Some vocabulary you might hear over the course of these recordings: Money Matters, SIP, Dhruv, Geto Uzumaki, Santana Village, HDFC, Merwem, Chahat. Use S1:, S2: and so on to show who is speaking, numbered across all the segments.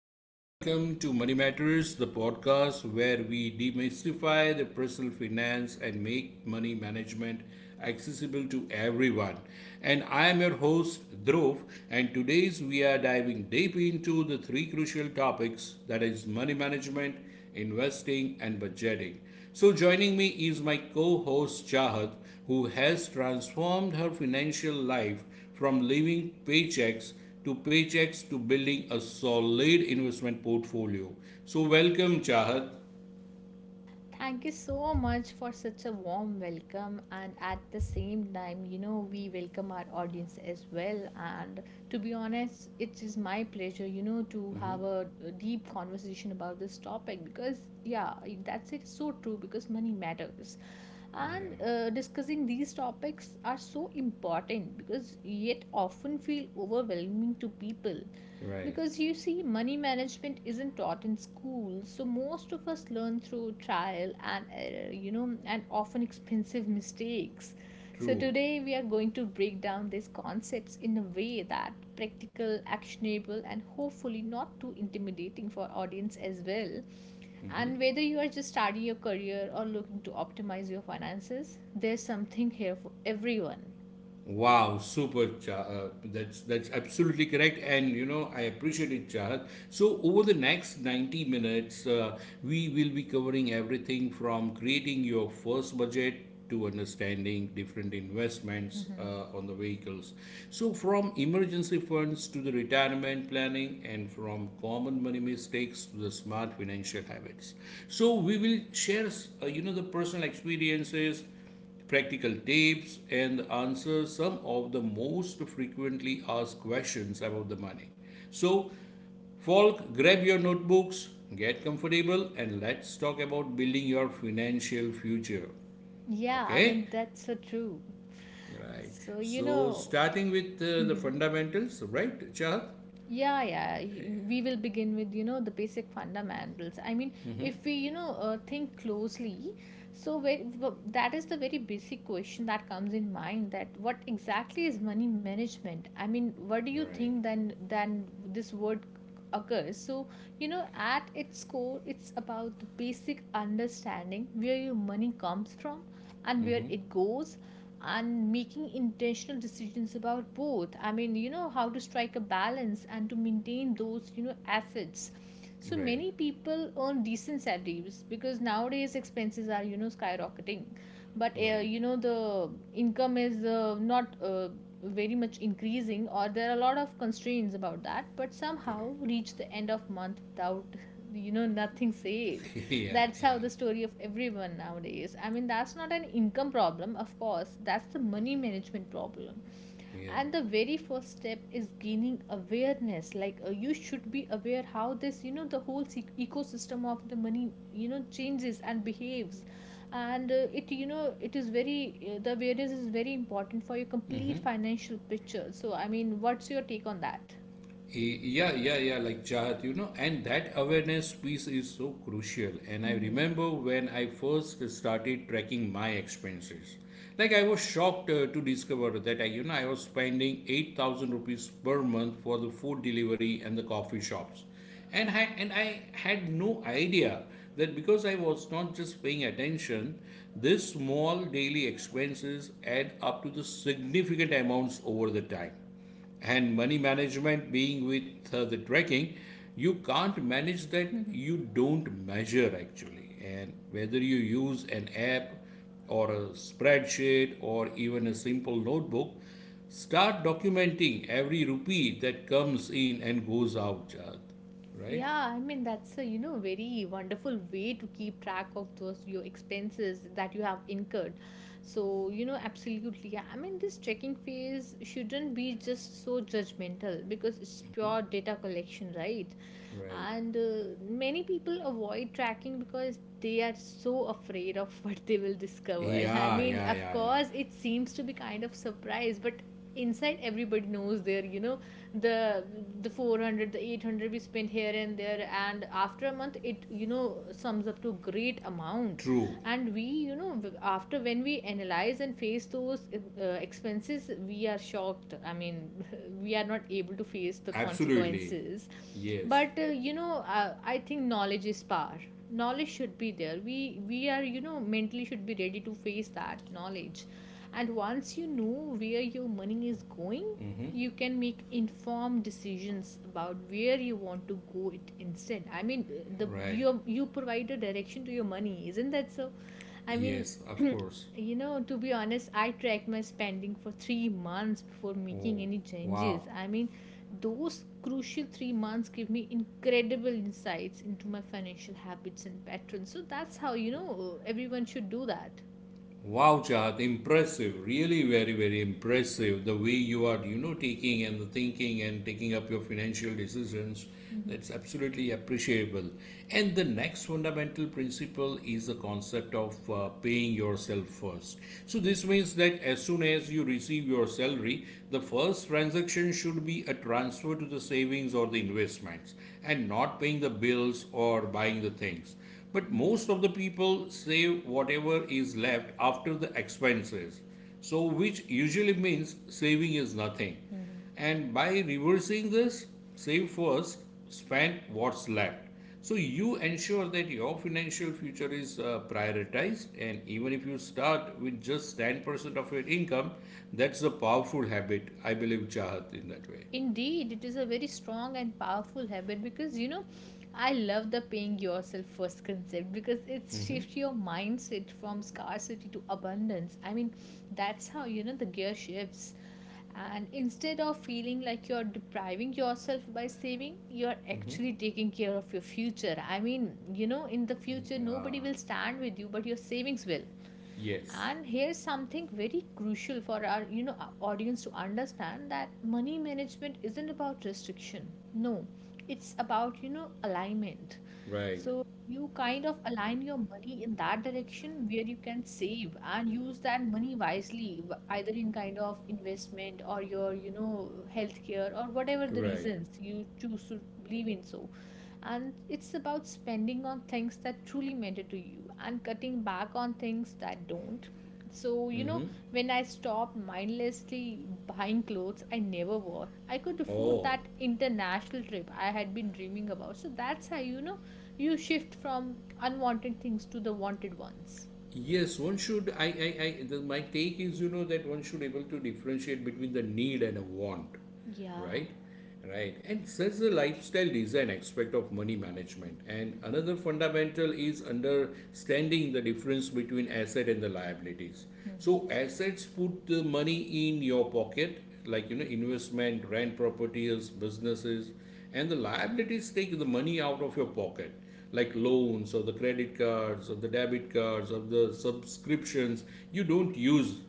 S1: and welcome to Money Matters, the podcast where we demystify the personal finance and make money management accessible to everyone. And I am your host, Dhruv, and today's we are diving deep into the three crucial topics that is money management, investing, and budgeting. So, joining me is my co host Chahat, who has transformed her financial life from living paychecks to paychecks to building a solid investment portfolio. So, welcome, Chahat.
S2: Thank you so much for such a warm welcome. And at the same time, you know, we welcome our audience as well. And to be honest, it is my pleasure, you know, to have a deep conversation about this topic because, yeah, that's it. So true because money matters.
S1: Yeah,
S2: And discussing these topics are so important because yet often feel overwhelming to people.
S1: right.
S2: Because you see, money management isn't taught in school, so most of us learn through trial and error, you know, and often expensive mistakes. So,
S1: True.
S2: today we are going to break down these concepts in a way that practical, actionable, and hopefully not too intimidating for audience as well. And
S1: Mhm.
S2: whether you are just starting your career or looking to optimize your finances, there's something here for everyone.
S1: Wow, super, That's absolutely correct, and you know I appreciate it, Chahat. So over the next 90 minutes, we will be covering everything from creating your first budget to understanding different investments
S2: Mhm.
S1: on the vehicles. So from emergency funds to the retirement planning, and from common money mistakes to the smart financial habits. So we will share, you know, the personal experiences, practical tips, and answer some of the most frequently asked questions about the money. So, folk, grab your notebooks, get comfortable, and let's talk about building your financial future.
S2: Yeah, I
S1: Okay?
S2: mean, that's so true.
S1: Right.
S2: So, you
S1: So,
S2: know,
S1: starting with the fundamentals, right, Chad?
S2: yeah, we will begin with, you know, the basic fundamentals. I mean, if we, you know, think closely, so that is the very basic question that comes in mind, that what exactly is money management? I mean, what do you
S1: Right.
S2: think, then this word occurs? So you know, at its core, it's about the basic understanding where your money comes from and where
S1: Mm-hmm.
S2: it goes, and making intentional decisions about both. I mean, you know, how to strike a balance and to maintain those, you know, assets. So
S1: Right.
S2: many people earn decent salaries, because nowadays expenses are, you know, skyrocketing, but
S1: Right.
S2: you know, the income is not very much increasing, or there are a lot of constraints about that, but somehow
S1: Correct.
S2: reach the end of month without, you know, nothing saved.
S1: yeah.
S2: That's
S1: Yeah.
S2: how the story of everyone nowadays. I mean, that's not an income problem, of course, that's the money management problem.
S1: Yeah.
S2: And the very first step is gaining awareness. Like, you should be aware how this, you know, the whole ecosystem of the money, you know, changes and behaves. And it, you know, it is very, the awareness is very important for your complete
S1: Mm-hmm.
S2: financial picture. So, I mean, what's your take on that?
S1: Yeah, like jihad, you know, and that awareness piece is so crucial, and I
S2: Hmm.
S1: remember when I first started tracking my expenses, like I was shocked to discover that I you know I was spending 8,000 rupees per month for the food delivery and the coffee shops, and I had no idea that, because I was not just paying attention, these small daily expenses add up to the significant amounts over the time. And money management being with the tracking, you can't manage that you don't measure, actually. And whether you use an app or a spreadsheet or even a simple notebook, start documenting every rupee that comes in and goes out, Jad. Right.
S2: Yeah, I mean that's a, you know, very wonderful way to keep track of those your expenses that you have incurred. So, you know, absolutely. Yeah. I mean this checking phase shouldn't be just so judgmental, because it's pure data collection, right?
S1: Right.
S2: And many people avoid tracking because they are so afraid of what they will discover. I
S1: yeah
S2: mean,
S1: yeah
S2: of
S1: yeah yeah
S2: course, it seems to be kind of surprise, but inside everybody knows their, you know, the the 400, the 800 we spent here and there, and after a month it, you know, sums up to a great amount.
S1: true.
S2: And we, you know, after when we analyze and face those expenses we are shocked. I mean, we are not able to face the
S1: Absolutely.
S2: consequences.
S1: Yes.
S2: But you know, I think knowledge is power. Knowledge should be there, we are, you know, mentally should be ready to face that knowledge. And once you know where your money is going,
S1: Mm-hmm.
S2: you can make informed decisions about where you want to go it instead. I mean, the
S1: Right.
S2: you provide a direction to your money, isn't that so? I mean,
S1: Yes, of course.
S2: you know, to be honest, I tracked my spending for 3 months before making
S1: Oh,
S2: any
S1: wow.
S2: changes. I mean, those crucial 3 months give me incredible insights into my financial habits and patterns. So that's how, you know, everyone should do that.
S1: Wow, Chad, impressive. Really, very, very impressive. The way you are, you know, taking and the thinking and taking up your financial decisions. That's absolutely appreciable. And the next fundamental principle is the concept of paying yourself first. So, this means that as soon as you receive your salary, the first transaction should be a transfer to the savings or the investments and not paying the bills or buying the things. But most of the people save whatever is left after the expenses, so which usually means saving is nothing.
S2: Mhm.
S1: And by reversing this, save first, spend what's left. So you ensure that your financial future is prioritized, and even if you start with just 10% of your income, that's a powerful habit, I believe, Chahat, in that way.
S2: Indeed, it is a very strong and powerful habit because, you know, I love the paying yourself first concept because it shifts your mindset from scarcity to abundance. I mean, that's how, you know, the gear shifts. And instead of feeling like you're depriving yourself by saving, you're actually taking care of your future. I mean, you know, in the future,
S1: Yeah.
S2: nobody will stand with you, but your savings will.
S1: Yes,
S2: And here's something very crucial for our, you know, our audience to understand, that money management isn't about restriction, no, it's about, you know, alignment.
S1: right,
S2: So you kind of align your money in that direction where you can save and use that money wisely, either in kind of investment or your, you know, healthcare or whatever the
S1: right.
S2: reasons you choose to believe in. So, and it's about spending on things that truly matter to you and cutting back on things that don't. So, you know, when I stopped mindlessly buying clothes I never wore, I could afford
S1: Oh,
S2: that international trip I had been dreaming about. So that's how, you know, you shift from unwanted things to the wanted ones.
S1: yes, one should. My take is, you know, that one should able to differentiate between the need and a want,
S2: Yeah.
S1: right? Right. And there's the lifestyle design aspect of money management. And another fundamental is understanding the difference between asset and the liabilities. So assets put the money in your pocket, like, you know, investment, rent properties, businesses, and the liabilities take the money out of your pocket, like loans or the credit cards or the debit cards or the subscriptions you don't use,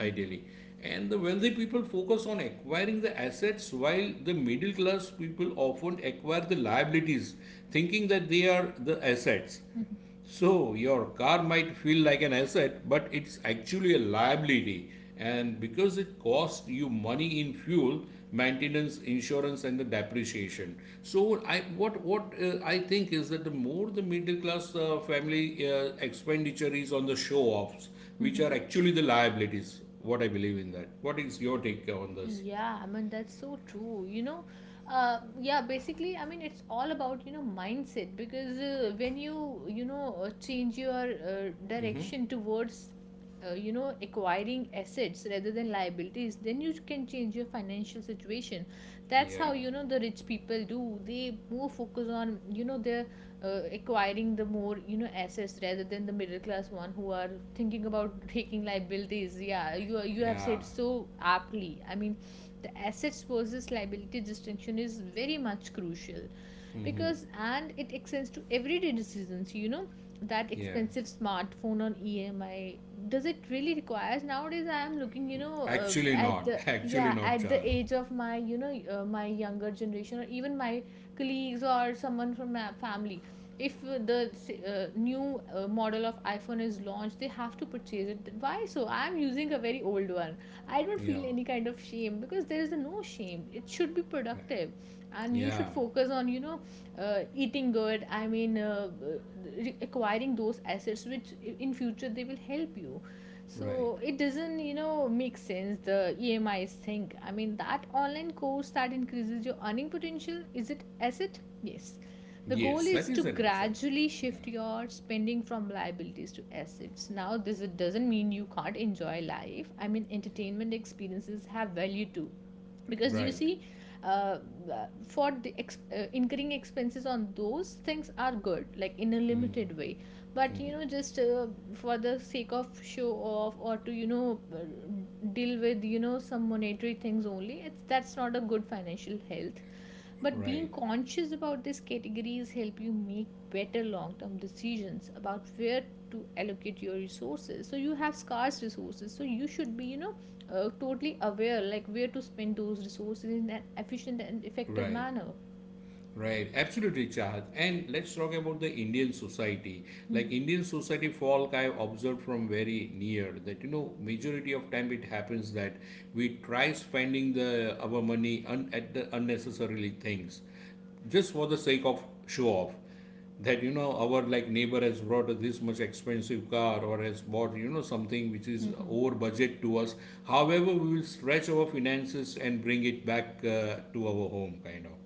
S1: ideally. And the wealthy people focus on acquiring the assets while the middle class people often acquire the liabilities, thinking that they are the assets.
S2: Mm-hmm.
S1: So your car might feel like an asset, but it's actually a liability. And because it costs you money in fuel, maintenance, insurance, and the depreciation. So I what I think is that the more the middle class family expenditure is on the show offs, which are actually the liabilities. What I believe in that. What is your
S2: Y-
S1: take on this?
S2: Yeah, I mean, that's so true. You know, yeah, basically, I mean, it's all about, you know, mindset, because when you know, change your direction towards, you know, acquiring assets rather than liabilities, then you can change your financial situation. That's
S1: Yeah,
S2: how, you know, the rich people do. They more focus on, you know, their acquiring the more, you know, assets, rather than the middle class one who are thinking about taking liabilities. Yeah, you have
S1: yeah,
S2: said so aptly. I mean, the assets versus liability distinction is very much crucial, because, and it extends to everyday decisions, you know, that
S1: yeah.
S2: expensive smartphone on EMI, does it really requires nowadays? I am looking, you know,
S1: Actually
S2: at
S1: not.
S2: the,
S1: Actually
S2: yeah,
S1: not,
S2: at the
S1: child.
S2: age of my, you know, my younger generation or even my colleagues or someone from my family, if the new model of iPhone is launched, they have to purchase it. Why so? I am using a very old one. I don't
S1: Yeah.
S2: feel any kind of shame, because there is a no shame, it should be
S1: Right.
S2: productive. And you
S1: Yeah,
S2: should focus on, you know, eating good. I mean, acquiring those assets which in future they will help you. So
S1: right.
S2: it doesn't, you know, make sense the EMIs thing. I mean, that online course that increases your earning potential, is it asset? Yes. The
S1: Yes,
S2: goal
S1: that
S2: is
S1: is
S2: to
S1: an asset.
S2: gradually
S1: Yeah.
S2: shift your spending from liabilities to assets. Now, this it doesn't mean you can't enjoy life. I mean, entertainment
S1: Yeah.
S2: experiences have value too. Because you
S1: Right.
S2: see, uh, for the incurring expenses on those things are good, like in a
S1: Mm,
S2: limited way, but
S1: mm,
S2: you know, just for the sake of show off, or to, you know, deal with, you know, some monetary things only, it's, that's not a good financial health. But
S1: right.
S2: being conscious about these categories help you make better long-term decisions about where to allocate your resources. So you have scarce resources, so you should be, you know, totally aware like where to spend those resources in an efficient and effective
S1: Right.
S2: manner.
S1: Right, absolutely, Chahat. And let's talk about the Indian society. Like
S2: Mhm.
S1: Indian society folk, I observed from very near that, you know, majority of time it happens that we try spending the our money at the unnecessarily things, just for the sake of show off. That, you know, our like neighbor has brought us this much expensive car or has bought, you know, something which is
S2: Mhm.
S1: over budget to us. However, we will stretch our finances and bring it back to our home, kind of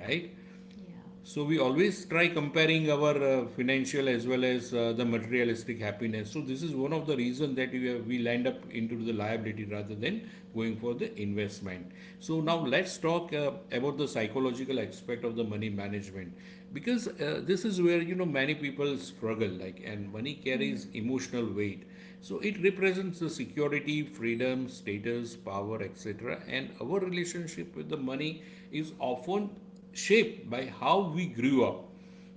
S1: right.
S2: Yeah.
S1: So we always try comparing our financial as well as the materialistic happiness. So this is one of the reasons that we land up into the liability rather than going for the investment. So now
S2: Mhm.
S1: let's talk about the psychological aspect of the money management, because this is where, you know, many people struggle, like, and money carries
S2: Mhm.
S1: emotional weight. So it represents the security, freedom, status, power, etc. And our relationship with the money is often shaped by how we grew up,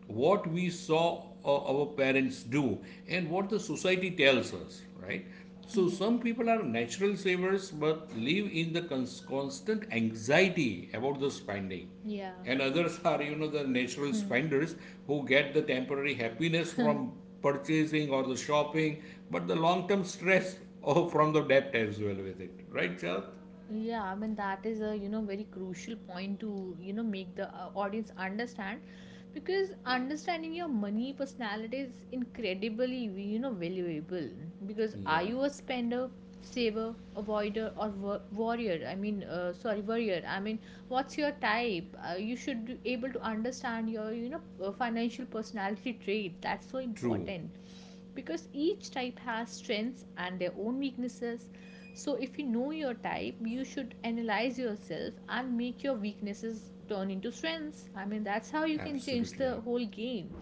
S1: what we saw our parents do, and what the society tells us, right? So
S2: Mhm.
S1: some people are natural savers but live in the constant anxiety about the spending,
S2: Yeah.
S1: and others are, you know, the natural
S2: Hmm.
S1: spenders who get the temporary happiness from purchasing or the shopping, but the long term stress oh, from the debt as well with it, right, Chad?
S2: Yeah, I mean that is a, you know, very crucial point to, you know, make the audience understand, because understanding your money personality is incredibly, you know, valuable. Because are
S1: Yeah.
S2: you a spender, saver, avoider or warrior? I mean, sorry, warrior. I mean, what's your type? You should be able to understand your, you know, financial personality trait. That's so
S1: True.
S2: important because each type has strengths and their own weaknesses. So, if you know your type, you should analyze yourself and make your weaknesses turn into strengths. I mean, that's how you can change
S1: Absolutely.
S2: the whole game.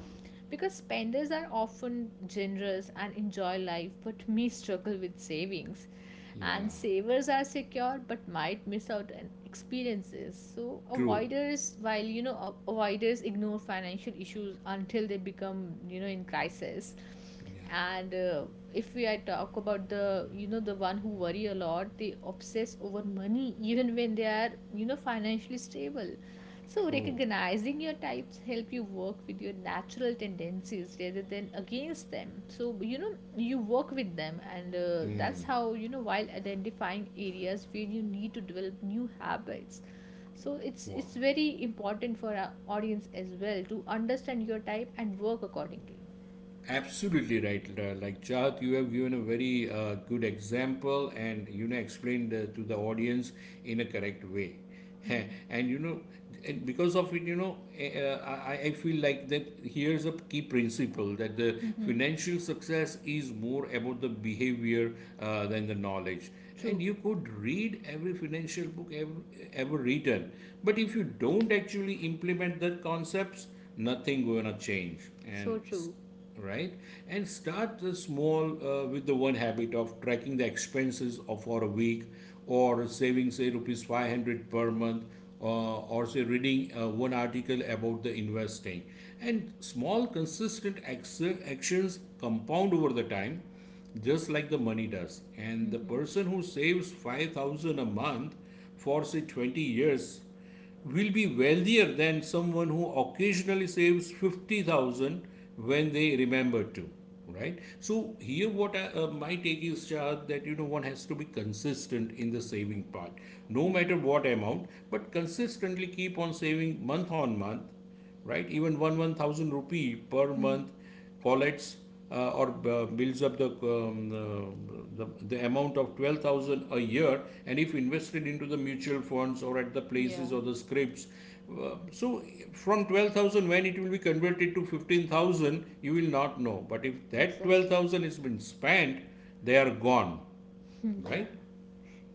S2: Because spenders are often generous and enjoy life but may struggle with savings,
S1: Yeah.
S2: and savers are secure but might miss out on experiences. So
S1: True.
S2: avoiders, while you know, avoiders ignore financial issues until they become, you know, in crisis.
S1: Yeah.
S2: And if we I talk about the, you know, the one who worry a lot, they obsess over money even when they are, you know, financially stable. So
S1: True.
S2: recognizing your types help you work with your natural tendencies rather than against them. So you know, you work with them, and that's how, you know, while identifying areas where you need to develop new habits. So it's
S1: Wow.
S2: it's very important for our audience as well to understand your type and work accordingly.
S1: Absolutely right, Lita. Like Chahat, you have given a very good example and you know explained to the audience in a correct way. Heh. And, you know, and because of it, you know, I feel like that here's a key principle that the
S2: Mm-hmm.
S1: financial success is more about the behavior than the knowledge. And
S2: True.
S1: you could read every financial book ever written, but if you don't actually implement the concepts, nothing gonna change. And
S2: So true.
S1: right? And start the small with the one habit of tracking the expenses of for a week or saving say rupees 500 per month or say reading one article about the investing, and small consistent actions compound over the time, just like the money does. And the
S2: Mm-hmm.
S1: person who saves 5,000 a month for say 20 years will be wealthier than someone who occasionally saves 50,000 when they remember to, right? So here what I, my take is, Shahad, that, you know, one has to be consistent in the saving part, no
S2: Mm-hmm.
S1: matter what amount, but consistently keep on saving month on month, right? Even one one thousand rupee per
S2: Mm-hmm.
S1: month collects or builds up the amount of 12,000 a year, and if invested into the mutual funds or at the
S2: Yeah,
S1: places or the scrips, so from 12,000 when it will be converted to 15,000, you will not know. But if that twelve
S2: exactly.
S1: thousand has been spent, they are gone,
S2: Yeah.
S1: right?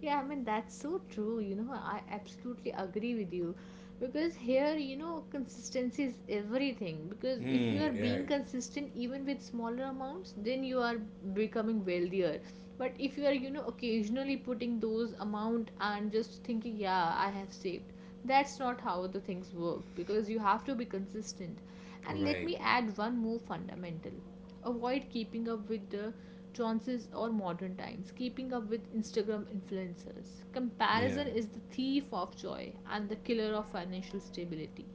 S2: Yeah, I mean, that's so true. You know, I absolutely agree with you because here, you know, consistency is everything. Because if you are
S1: Hmm. Yeah.
S2: being consistent even with smaller amounts, then you are becoming wealthier. But if you are, you know, occasionally putting those amount and just thinking, yeah, I have saved, that's not how the things work because you have to be consistent. And let
S1: Right.
S2: me add one more fundamental: avoid keeping up with the Johnson's, or modern times, keeping up with Instagram influencers.
S1: Yeah.
S2: Comparison is the thief of joy and the killer of financial stability.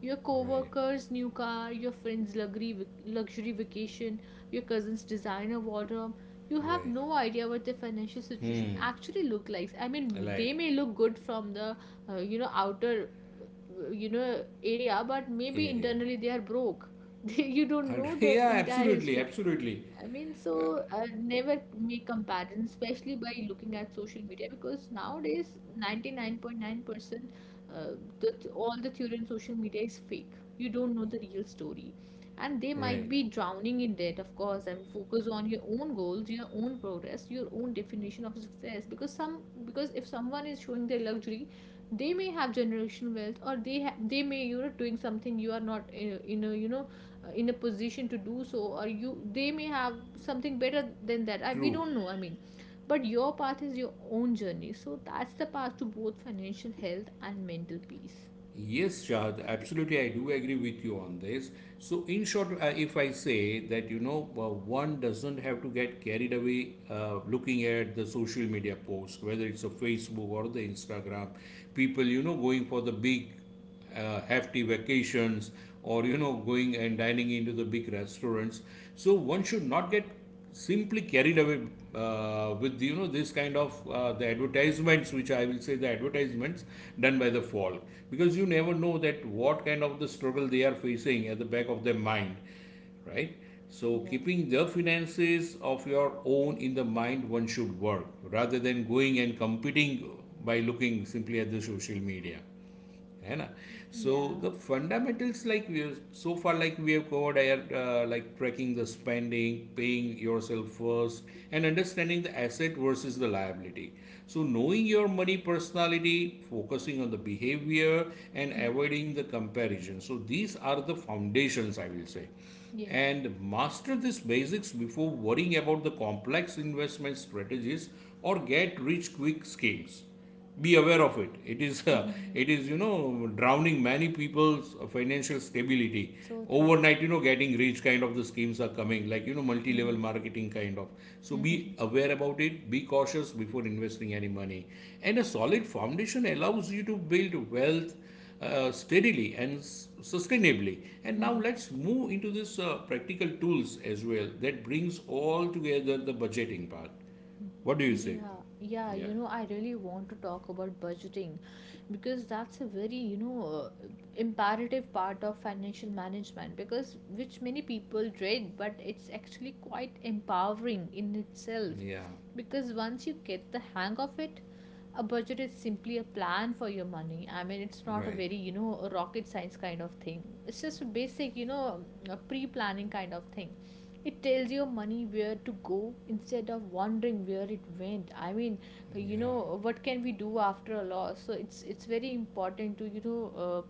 S2: Your
S1: Right.
S2: co-workers' new car, your friend's luxury vacation, your cousin's designer wardrobe. You have
S1: Right.
S2: no idea what their financial situation
S1: Hmm.
S2: actually looks like. I
S1: I
S2: mean, they
S1: like
S2: may look good from the you know outer you know area, but maybe
S1: area.
S2: internally they are broke. You don't
S1: And
S2: know the
S1: yeah,
S2: entire
S1: absolutely,
S2: history.
S1: absolutely.
S2: I mean, so never make comparison, especially by looking at social media, because nowadays 99.9% uh, all the theory on social media is fake. You don't know the real story. And they might
S1: Right.
S2: be drowning in debt, of course, and focus on your own goals, your own progress, your own definition of success. Because if someone is showing their luxury, they may have generational wealth, or they may you know doing something you are not in a you know in a position to do so, or you they may have something better than that. We
S1: True.
S2: don't know, I mean, but your path is your own journey, so that's the path to both financial health and mental peace.
S1: Yes, Shahad, absolutely. I do agree with you on this. So, in short, if I say that, you know, one doesn't have to get carried away looking at the social media posts, whether it's a Facebook or the Instagram, people, you know, going for the big hefty vacations or, you know, going and dining into the big restaurants, so one should not get simply carried away with, you know, this kind of the advertisements, which I will say, the advertisements done by the fall, because you never know that what kind of the struggle they are facing at the back of their mind, right? So
S2: Yeah.
S1: keeping the finances of your own in the mind, one should work rather than going and competing by looking simply at the social media, है ना. So
S2: Yeah.
S1: the fundamentals, like we have so far, like we have covered are like tracking the spending, paying yourself first, and understanding the asset versus the liability, so knowing your money personality, focusing on the behavior, and
S2: Hmm.
S1: avoiding the comparison, so these are the foundations, I will say.
S2: Yeah.
S1: And master these basics before worrying about the complex investment strategies or get rich quick schemes. Be aware of it. It is it is, you know, drowning many people's financial stability
S2: So true.
S1: overnight, you know, getting rich kind of the schemes are coming, like, you know, multi level
S2: Mhm.
S1: marketing kind of. So be
S2: Mhm.
S1: aware about it, be cautious before investing any money, and a solid foundation allows you to build wealth steadily and sustainably. And now
S2: Mhm.
S1: let's move into this practical tools as well that brings all together the budgeting part. What do you say?
S2: Yeah, yeah, you
S1: Yeah,
S2: know, I really want to talk about budgeting because that's a very, you know, imperative part of financial management because which many people dread, but it's actually quite empowering in itself
S1: yeah.
S2: because once you get the hang of it, a budget is simply a plan for your money. I mean, it's not a
S1: Right.
S2: very, you know, rocket science kind of thing. It's just a basic, you know, a pre-planning kind of thing. It tells your money where to go instead of wondering where it went. I mean, you know
S1: Yeah.
S2: what can we do after a loss, so it's very important to you know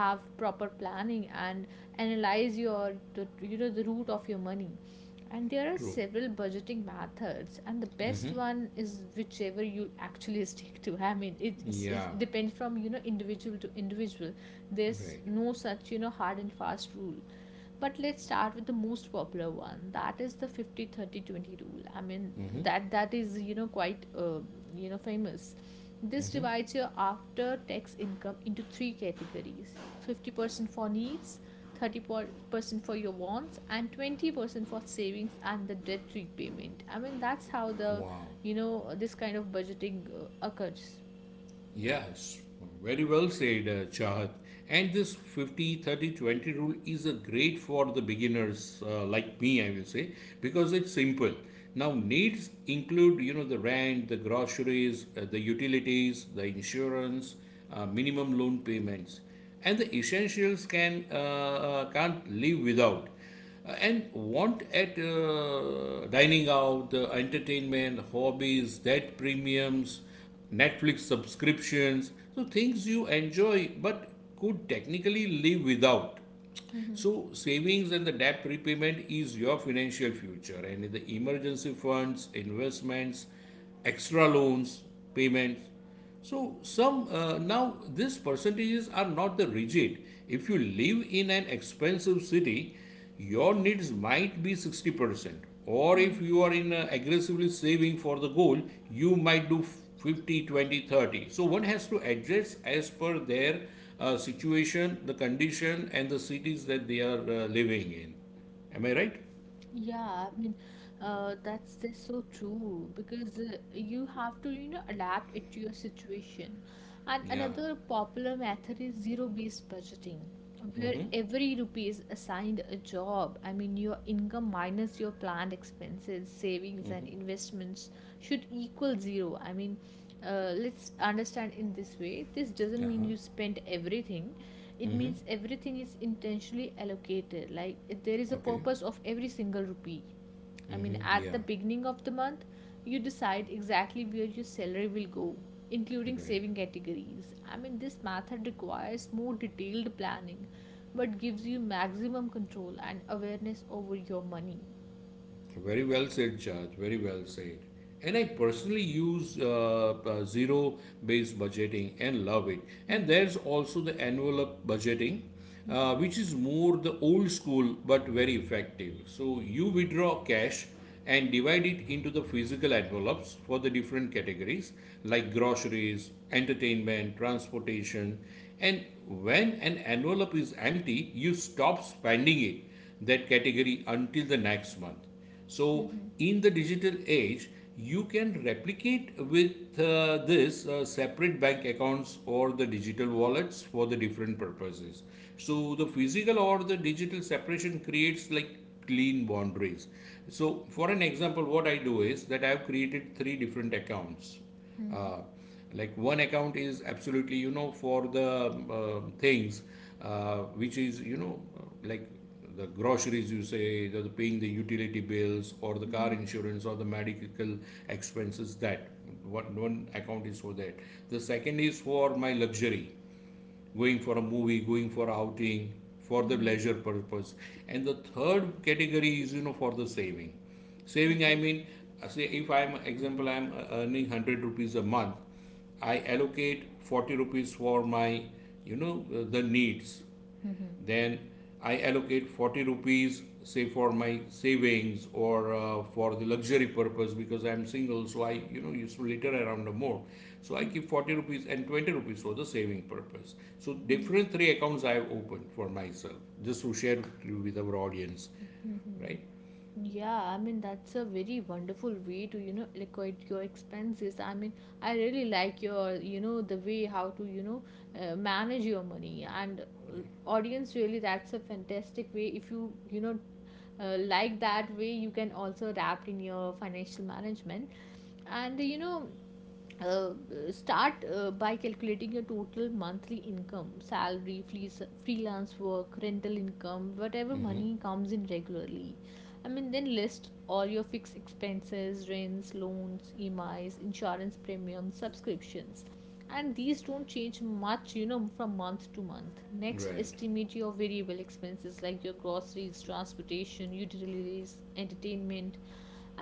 S2: have proper planning and analyze your the you know the root of your money. And there are
S1: True.
S2: several budgeting methods, and the best one is whichever you actually stick to. I mean, it
S1: Yeah.
S2: depends from you know individual to individual. There's
S1: Right.
S2: no such you know hard and fast rule. But let's start with the most popular one. That is the 50/30/20 rule. I mean, that is you know quite you know famous. This divides your after tax income into three categories. 50% for needs, 30% for your wants, and 20% for savings and the debt repayment. I mean, that's how the,
S1: Wow.
S2: you know, this kind of budgeting occurs.
S1: Yes. Very well said, Chahat. And this 50/30/20 rule is a great for the beginners like me, I will say, because it's simple. Now, needs include, the rent, the groceries, the utilities, the insurance, minimum loan payments and the essentials can't live without. And want at dining out, the entertainment, hobbies, debt premiums, Netflix subscriptions, so things you enjoy but could technically live without.
S2: Mm-hmm.
S1: So, savings and the debt repayment is your financial future, and in the emergency funds, investments, extra loans, payments. So, some now these percentages are not the rigid. If you live in an expensive city, your needs might be 60% or
S2: Mm-hmm.
S1: if you are in aggressively saving for the goal you might do 50, 20, 30. So one has to adjust as per their situation the condition and the cities that they are living in. Am I right?
S2: Yeah, I mean, that's so true because you have to, you know, adapt it to your situation. And
S1: Yeah.
S2: another popular method is zero-based budgeting, where every rupee is assigned a job. I mean, your income minus your planned expenses, savings, and investments should equal zero. I mean, let's understand in this way. This doesn't mean
S1: Uh-huh.
S2: you spend everything. It
S1: Mm-hmm.
S2: means everything is intentionally allocated, like there is a
S1: Okay.
S2: purpose of every single rupee. I mean,
S1: Mm-hmm.
S2: at
S1: Yeah.
S2: the beginning of the month you decide exactly where your salary will go, including
S1: Right.
S2: saving categories. I mean, this method requires more detailed planning, but gives you maximum control and awareness over your money.
S1: Very well said, Judge. Very well said. And I personally use zero based budgeting and love it. And
S2: Mhm.
S1: there's also the envelope budgeting,
S2: Mhm.
S1: which is more the old school but very effective. So you withdraw cash and divide it into the physical envelopes for the different categories like groceries, entertainment, transportation. And when an envelope is empty, you stop spending it that category until the next month. So,
S2: Mhm.
S1: in the digital age, you can replicate with this separate bank accounts or the digital wallets for the different purposes. So, the physical or the digital separation creates like clean boundaries. So, for an example, what I do is that I have created three different accounts
S2: Mhm.
S1: uh, like one account is absolutely for the things which is like the groceries you say the paying the utility bills or the car
S2: Mhm.
S1: insurance or the medical expenses that one account is for that. The second is for my luxury, going for a movie, going for outing, for the
S2: Mhm.
S1: leisure purpose. And the third category is, for the saving. Saving, I
S2: Okay.
S1: mean, say if I'm, example, I'm earning 100 rupees a month. I allocate 40 rupees for the needs.
S2: Mhm.
S1: Then I allocate 40 rupees say for my savings or for the luxury purpose because I'm single, so I used to litter around more. So I
S2: Mhm.
S1: keep 40 rupees and 20 rupees for the saving purpose. So
S2: Mhm.
S1: different three accounts I have opened for myself just to share with our audience.
S2: Mhm.
S1: Right?
S2: Yeah, I mean that's a very wonderful way to you know liquidate your expenses. I mean, I really like your you know the way how to you know manage your money. And audience, really, that's a fantastic way. If you you know like that way, you can also adapt in your financial management. And you know uh, start by calculating your total monthly income, salary fleece, freelance work, rental income, whatever
S1: Yeah. Mm-hmm.
S2: money comes in regularly. I mean, then list all your fixed expenses, rents, loans, emis, insurance premiums, subscriptions, and these don't change much you know from month to month. Next,
S1: Right.
S2: estimate your variable expenses like your groceries, transportation, utilities, entertainment,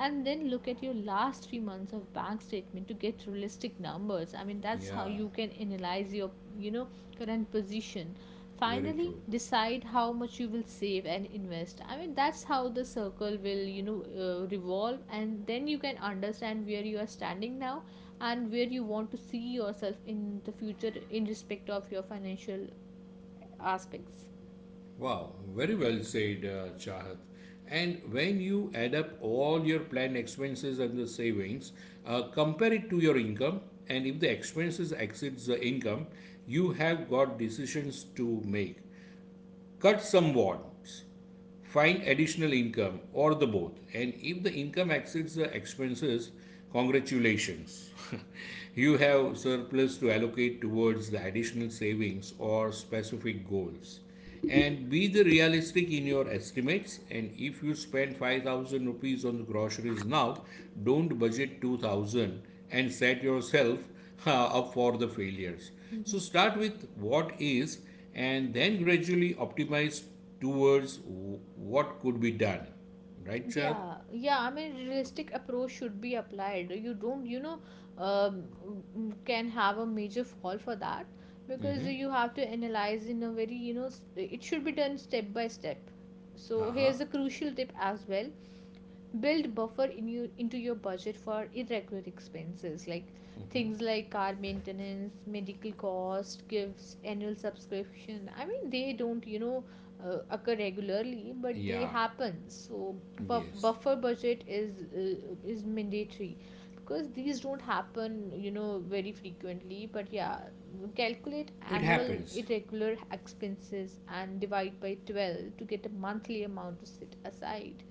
S2: and then look at your last 3 months of bank statement to get realistic numbers. I mean, that's how
S1: Yeah.
S2: you can analyze your you know current position.
S1: Very
S2: Finally,
S1: true.
S2: decide how much you will save and invest. I mean, that's how the circle will you know revolve, and then you can understand where you are standing now and where you want to see yourself in the future in respect of your financial aspects.
S1: Wow, very well said, Chahat. And when you add up all your planned expenses and the savings, compare it to your income, and if the expenses exceeds the income, you have got decisions to make. Cut some wants, find additional income or the both. And if the income exceeds the expenses, congratulations you have surplus to allocate towards the additional savings or specific goals. And be the realistic in your estimates, and if you spend 5,000 rupees on the groceries now, don't budget 2,000 and set yourself up for the failures. So start with what is, and then gradually optimize towards what could be done. Right, Chad?
S2: Yeah, yeah. I mean, realistic approach should be applied. You don't, you know, um, can have a major fall for that because
S1: Mm-hmm.
S2: you have to analyze in a very, you know, it should be done step by step. So
S1: Uh-huh.
S2: here's a crucial tip as well. Build buffer in you into your budget for irregular expenses, like things
S1: Mm-hmm.
S2: like car maintenance, medical cost, gifts, annual subscription. I mean, they don't you know occur regularly, but they
S1: Yeah.
S2: happen. So
S1: Yes.
S2: buffer budget is mandatory because these don't happen you know very frequently, but yeah, calculate
S1: It
S2: annual
S1: happens.
S2: irregular expenses and divide by 12 to get a monthly amount to set aside.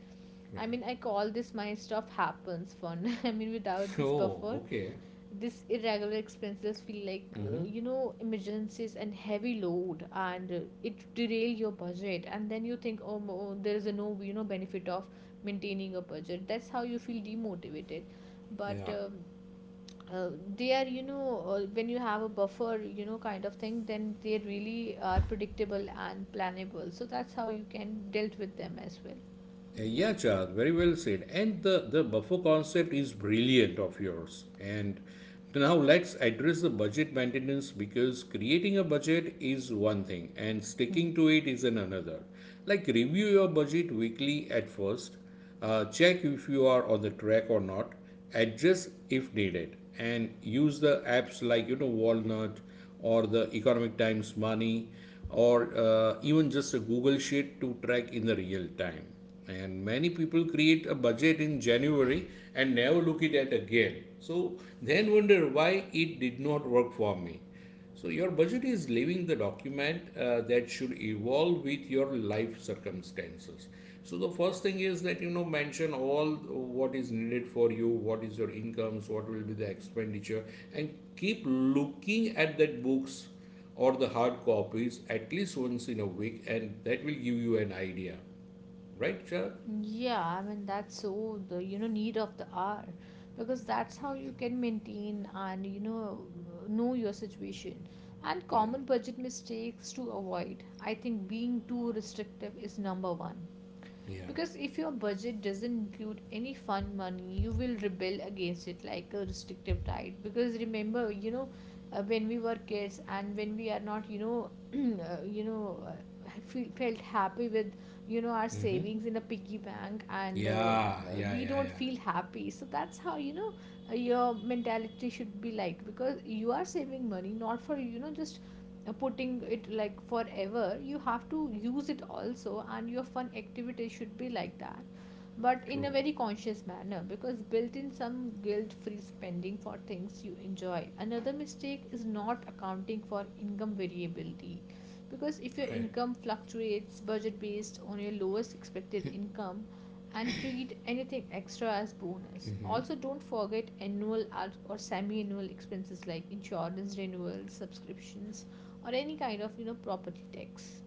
S1: Right.
S2: I mean, I call this my stuff happens fun. I mean, without this buffer,
S1: Oh, okay.
S2: this irregular expenses feel like
S1: Mm-hmm.
S2: you know emergencies and heavy load, and it derail your budget. And then you think, oh, there is a no you know benefit of maintaining a budget. That's how you feel demotivated. But
S1: Yeah.
S2: uh, they are you know when you have a buffer, you know kind of thing, then they really are predictable and planable. So that's how you can dealt with them as well.
S1: Yeah, Chad, very well said. And the buffer concept is brilliant of yours. And now let's address the budget maintenance because creating a budget is one thing and sticking to it is an another. Like review your budget weekly at first, check if you are on the track or not, adjust if needed, and use the apps like walnut or the economic times money, or even just a google sheet to track in the real time. And many people create a budget in january and never look it at it again, so then wonder why it did not work for me. So your budget is living the document that should evolve with your life circumstances. So the first thing is that mention all what is needed for you, what is your incomes, what will be the expenditure, and keep looking at that books or the hard copies at least once in a week, and that will give you an idea, right, Chad?
S2: Yeah, I mean that's so the you know need of the hour because that's how you can maintain and you know your situation. And
S1: Yeah,
S2: common budget mistakes to avoid. I think being too restrictive is number one,
S1: yeah,
S2: because if your budget doesn't include any fun money you will rebel against it like a restrictive diet. Because remember you know when we were kids and when we are not you know you know felt happy with you know our
S1: mm-hmm.
S2: savings in a piggy bank and
S1: Yeah, yeah,
S2: we
S1: yeah,
S2: don't
S1: yeah.
S2: feel happy. So that's how you know your mentality should be like, because you are saving money not for you know just putting it like forever, you have to use it also, and your fun activity should be like that, but in a
S1: True,
S2: very conscious manner, because built in some guilt free spending for things you enjoy. Another mistake is not accounting for income variability, because if your
S1: right.
S2: income fluctuates, budget based on your lowest expected income and treat anything extra as bonus. Also don't forget annual or semi annual expenses like insurance renewals, subscriptions, or any kind of you know property tax.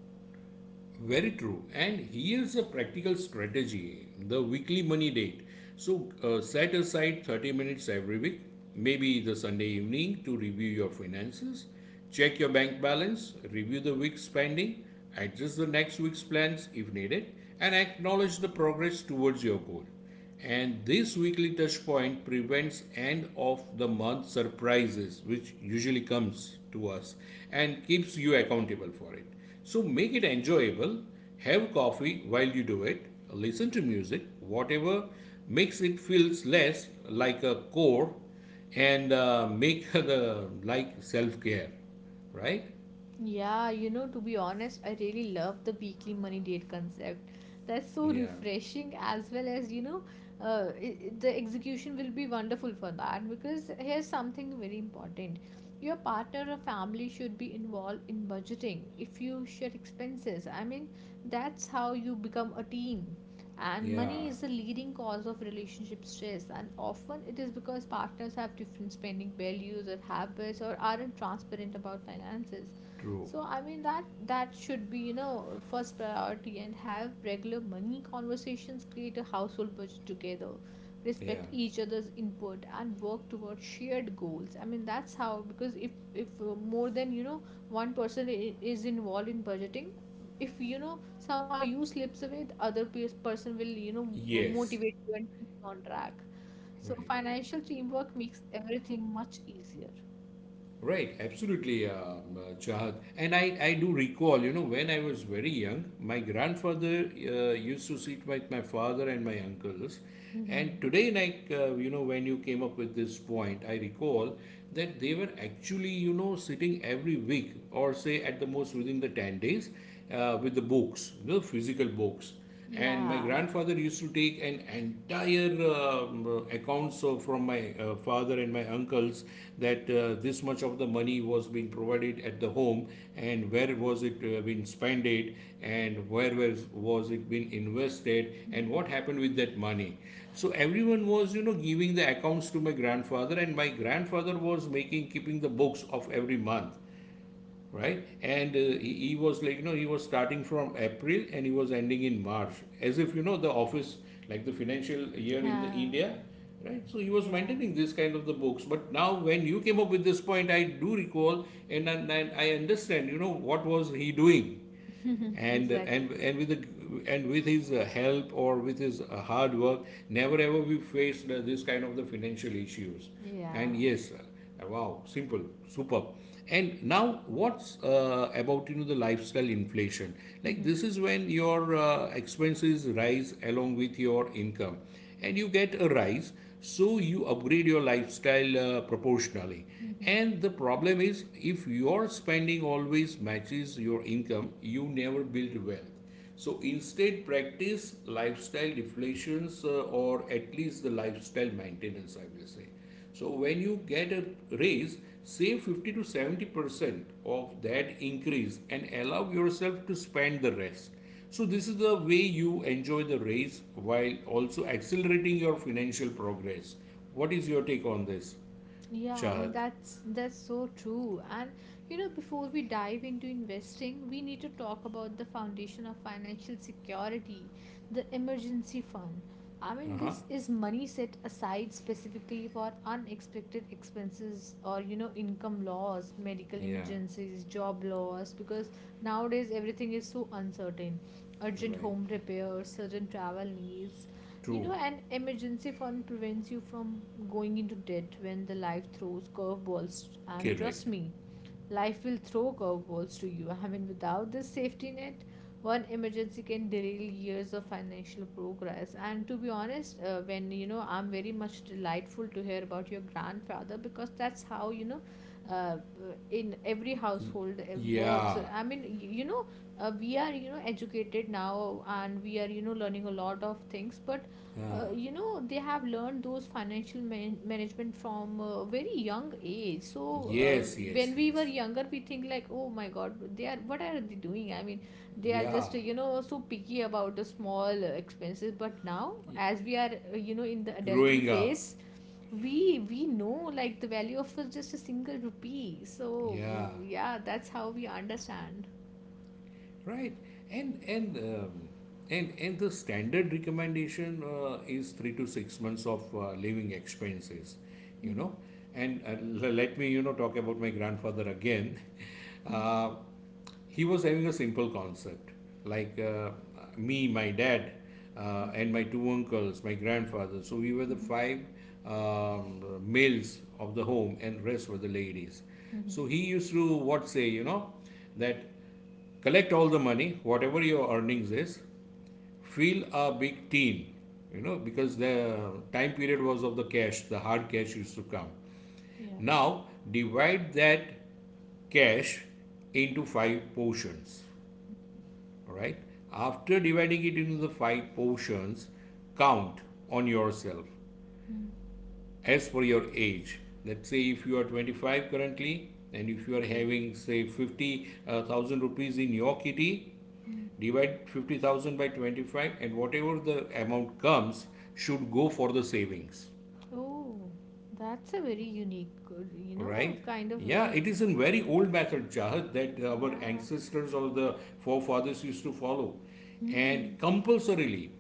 S1: Very true. And here's a practical strategy the weekly money date. So, set aside 30 minutes every week, maybe the Sunday evening, to review your finances, check your bank balance, review the week's spending, adjust the next week's plans if needed, and acknowledge the progress towards your goal. And this weekly touch point prevents end of the month surprises, which usually comes to us and keeps you accountable for it. So make it enjoyable. Have coffee while you do it. Listen to music, whatever makes it feels less like a chore, and make the like self care, right?
S2: Yeah, you know, to be honest, I really love the weekly money date concept. That's so
S1: Yeah.
S2: refreshing, as well as, you know, the execution will be wonderful for that, because here's something very important. Your partner or family should be involved in budgeting if you share expenses. I mean, that's how you become a team. And money
S1: Yeah.
S2: is the leading cause of relationship stress, and often it is because partners have different spending values or habits or aren't transparent about finances.
S1: True.
S2: So I mean that that should be you know first priority, and have regular money conversations, create a household budget together,
S1: Yeah.
S2: respect each other's input and work towards shared goals. I mean that's how, because if more than you know one person is involved in budgeting, if you know somehow you slips away, the other person will you know
S1: Yes.
S2: motivate you and keep you on track. So
S1: Right.
S2: financial teamwork makes everything much easier.
S1: Right, absolutely, Chahat. And I do recall, when I was very young, my grandfather used to sit with my father and my uncles. And
S2: Hmm.
S1: today, like, when you came up with this point, I recall that they were actually, sitting every week or say at the most within the 10 days with the books, the physical books. And my
S2: Yeah.
S1: grandfather used to take an entire accounts from my father and my uncles. That this much of the money was being provided at the home, and where was it being spent it, and where was it being invested, and what happened with that money. So everyone was giving the accounts to my grandfather, and my grandfather was making keeping the books of every month. Right. And he was like he was starting from april and he was ending in march, as if the office, like the financial year in the
S2: Yeah,
S1: india. Right. So he was
S2: yeah,
S1: maintaining this kind of the books. But now when you came up with this point, I do recall, and I understand what was he doing. and and
S2: exactly.
S1: and with the, and with his help, or with his hard work, never ever we faced this kind of the financial issues.
S2: Yeah.
S1: And yes, wow, simple, superb. And now what's about the lifestyle inflation. Like
S2: Mm-hmm.
S1: this is when your expenses rise along with your income, and you get a rise, so you upgrade your lifestyle proportionally.
S2: Mm-hmm.
S1: And the problem is, if your spending always matches your income, you never build wealth. So instead, practice lifestyle deflations, or at least the lifestyle maintenance, I will say. So when you get a raise, save 50 to 70% of that increase and allow yourself to spend the rest. So this is the way you enjoy the raise while also accelerating your financial progress. What is your take on this,
S2: Yeah, I
S1: Chahat?
S2: mean that's so true. And you know, before we dive into investing, we need to talk about the foundation of financial security, the emergency fund. I
S1: Uh
S2: mean,
S1: huh.
S2: this is money set aside specifically for unexpected expenses or you know, income loss, medical
S1: Yeah.
S2: emergencies, job loss, because nowadays everything is so uncertain. Urgent
S1: Right.
S2: home repairs, certain travel needs. You
S1: True.
S2: know, an emergency fund prevents you from going into debt when the life throws curveballs. And trust
S1: Correct.
S2: me, life will throw curveballs to you. I mean, without this safety net, one emergency can derail years of financial progress. And to be honest, when you know, I'm very much delightful to hear about your grandfather because that's how you know, uh, uh, in every
S1: Y-
S2: household it works.
S1: yeah.
S2: I mean, we are educated now, and we are learning a lot of things. But
S1: Uh,
S2: they have learned those financial management from a very young age. So
S1: yes, yes,
S2: when we were
S1: yes.
S2: younger, we think like, oh my god, they are what are they doing? I mean, they are just
S1: Yeah.
S2: so picky about the small expenses. But now, as we are in the adulting
S1: Growing up.
S2: phase, we know like the value of just a single rupee. So
S1: Yeah.
S2: yeah, that's how we understand.
S1: Right. And and um, and the standard recommendation is 3 to 6 months of living expenses. You know. And let me talk about my grandfather again. Uh, he was having a simple concept like me my dad and
S2: Okay.
S1: my two uncles, my grandfather. So we were the
S2: Mm-hmm.
S1: five males of the home, and rest were the ladies.
S2: Mm-hmm.
S1: So he used to what say that collect all the money whatever your earnings is, feel a big teen, because the time period was of the cash, the hard cash used to come.
S2: Yeah.
S1: Now divide that cash into five portions, all right? After dividing it into the five portions, count on yourself
S2: Mm.
S1: as per your age. Let's say if you are 25 currently, and if you are
S2: Okay.
S1: having say 50,000 rupees in your kitty, divide 50,000 by 25, and whatever the amount comes should go for the savings.
S2: Oh, that's a very unique,
S1: Right.
S2: kind of
S1: Yeah,
S2: way.
S1: it is a very old method, Jahad, that our
S2: Yeah.
S1: ancestors or the forefathers used to follow. And
S2: Hmm.
S1: compulsorily,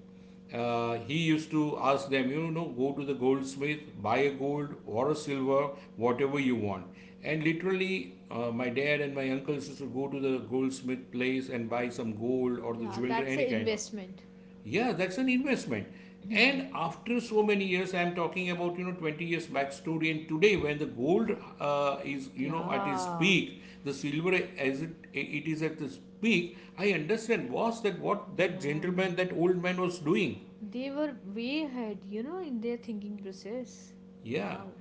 S1: he used to ask them, go to the goldsmith, buy a gold or a silver, whatever you want. And literally my dad and my uncles used to go to the goldsmith place and buy some gold or the
S2: Yeah,
S1: jewelry
S2: that's
S1: any
S2: an
S1: kind of.
S2: investment.
S1: Yeah, that's an investment. And after so many years, I'm talking about 20 years back story, and today when the gold is at its
S2: Yeah.
S1: peak, the silver as it is at its peak. I understand was that what that
S2: Yeah, I
S1: gentleman, that
S2: mean,
S1: old man was doing.
S2: they were way ahead, you know, in their thinking process.
S1: Yeah.
S2: Wow.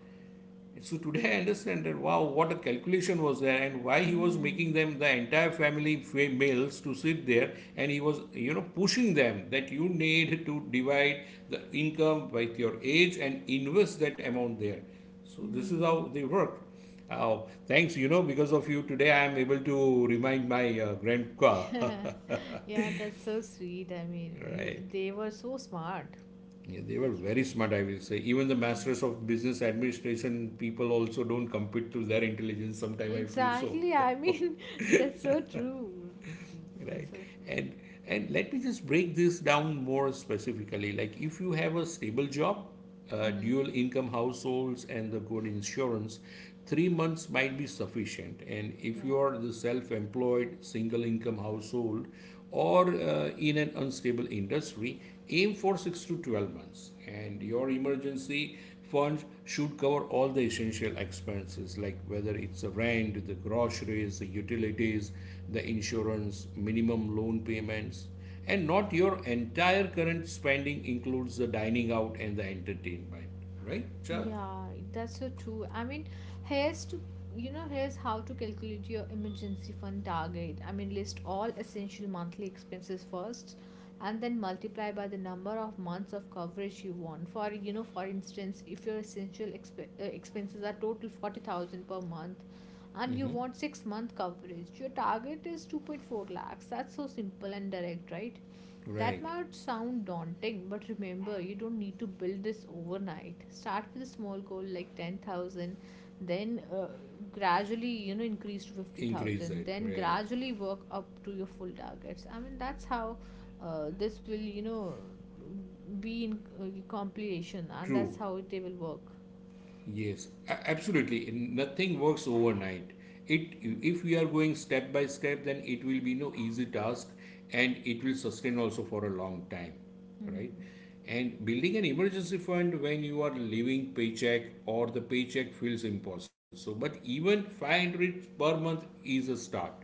S1: So today I understand that, wow, what a calculation was there, and why he was
S2: Hmm.
S1: making them, the entire family males, to sit there, and he was pushing them that you need to divide the income by your age and invest that amount there. So this is
S2: Hmm.
S1: how they work. Oh, thanks. You know, because of you today, I am able to remind my grandpa.
S2: Yeah, that's so sweet. I mean,
S1: Right.
S2: they were so smart.
S1: Yeah, they were
S2: So
S1: very
S2: smart.
S1: smart, I will say. Even the masters of business administration people also don't compete to their intelligence. Sometime I feel so.
S2: Exactly. I mean, that's so true. That's
S1: Right.
S2: so true.
S1: And and let me just break this down more specifically. Like, if you have a stable job,
S2: Hmm.
S1: dual income households, and the good insurance, 3 months might be sufficient. And if you
S2: Yeah.
S1: are the self-employed single income household, or in an unstable industry, aim for 6 to 12 months. And
S2: Mm-hmm.
S1: your emergency funds should cover all the essential expenses, like whether it's the rent, the groceries, the utilities, the insurance, minimum loan payments, and not your entire current spending, includes the dining out and the entertainment. Right, Chad?
S2: Yeah, that's so true. I mean, here's to here's how to calculate your emergency fund target. I mean, list all essential monthly expenses first, and then multiply by the number of months of coverage you want. For for instance, if your essential expenses are total 40,000 per month and you
S1: Mm-hmm.
S2: want 6-month coverage, your target is 2.4 lakhs. That's so simple and direct, right? That
S1: Right.
S2: might sound daunting, but remember, you don't need to build this overnight. Start with a small goal like 10,000, then gradually, you know, increase to
S1: Increase
S2: 50,000,
S1: it.
S2: then
S1: Right.
S2: gradually work up to your full targets. I mean, that's how this will be in compilation, and that's
S1: True.
S2: how they will work.
S1: Yes, absolutely. Nothing works overnight. It, if we are going step by step, then it will be no easy task, and it will sustain also for a long time, right? And building an emergency fund when you are living paycheck or the paycheck feels impossible. So, but even 500 per month is a start.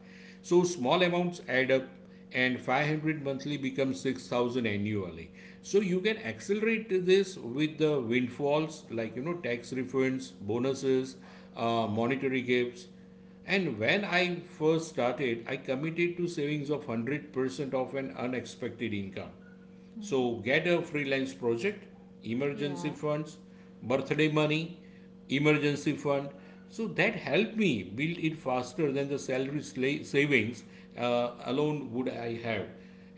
S1: So small amounts add up, and 500 monthly becomes 6,000 annually. So you can accelerate this with the windfalls, like tax refunds, bonuses, monetary gifts. And when I first started, I committed to savings of 100% of an unexpected income. So get a freelance project, emergency
S2: Yeah.
S1: funds, birthday money, emergency fund. So that helped me build it faster than the salary savings alone would I have.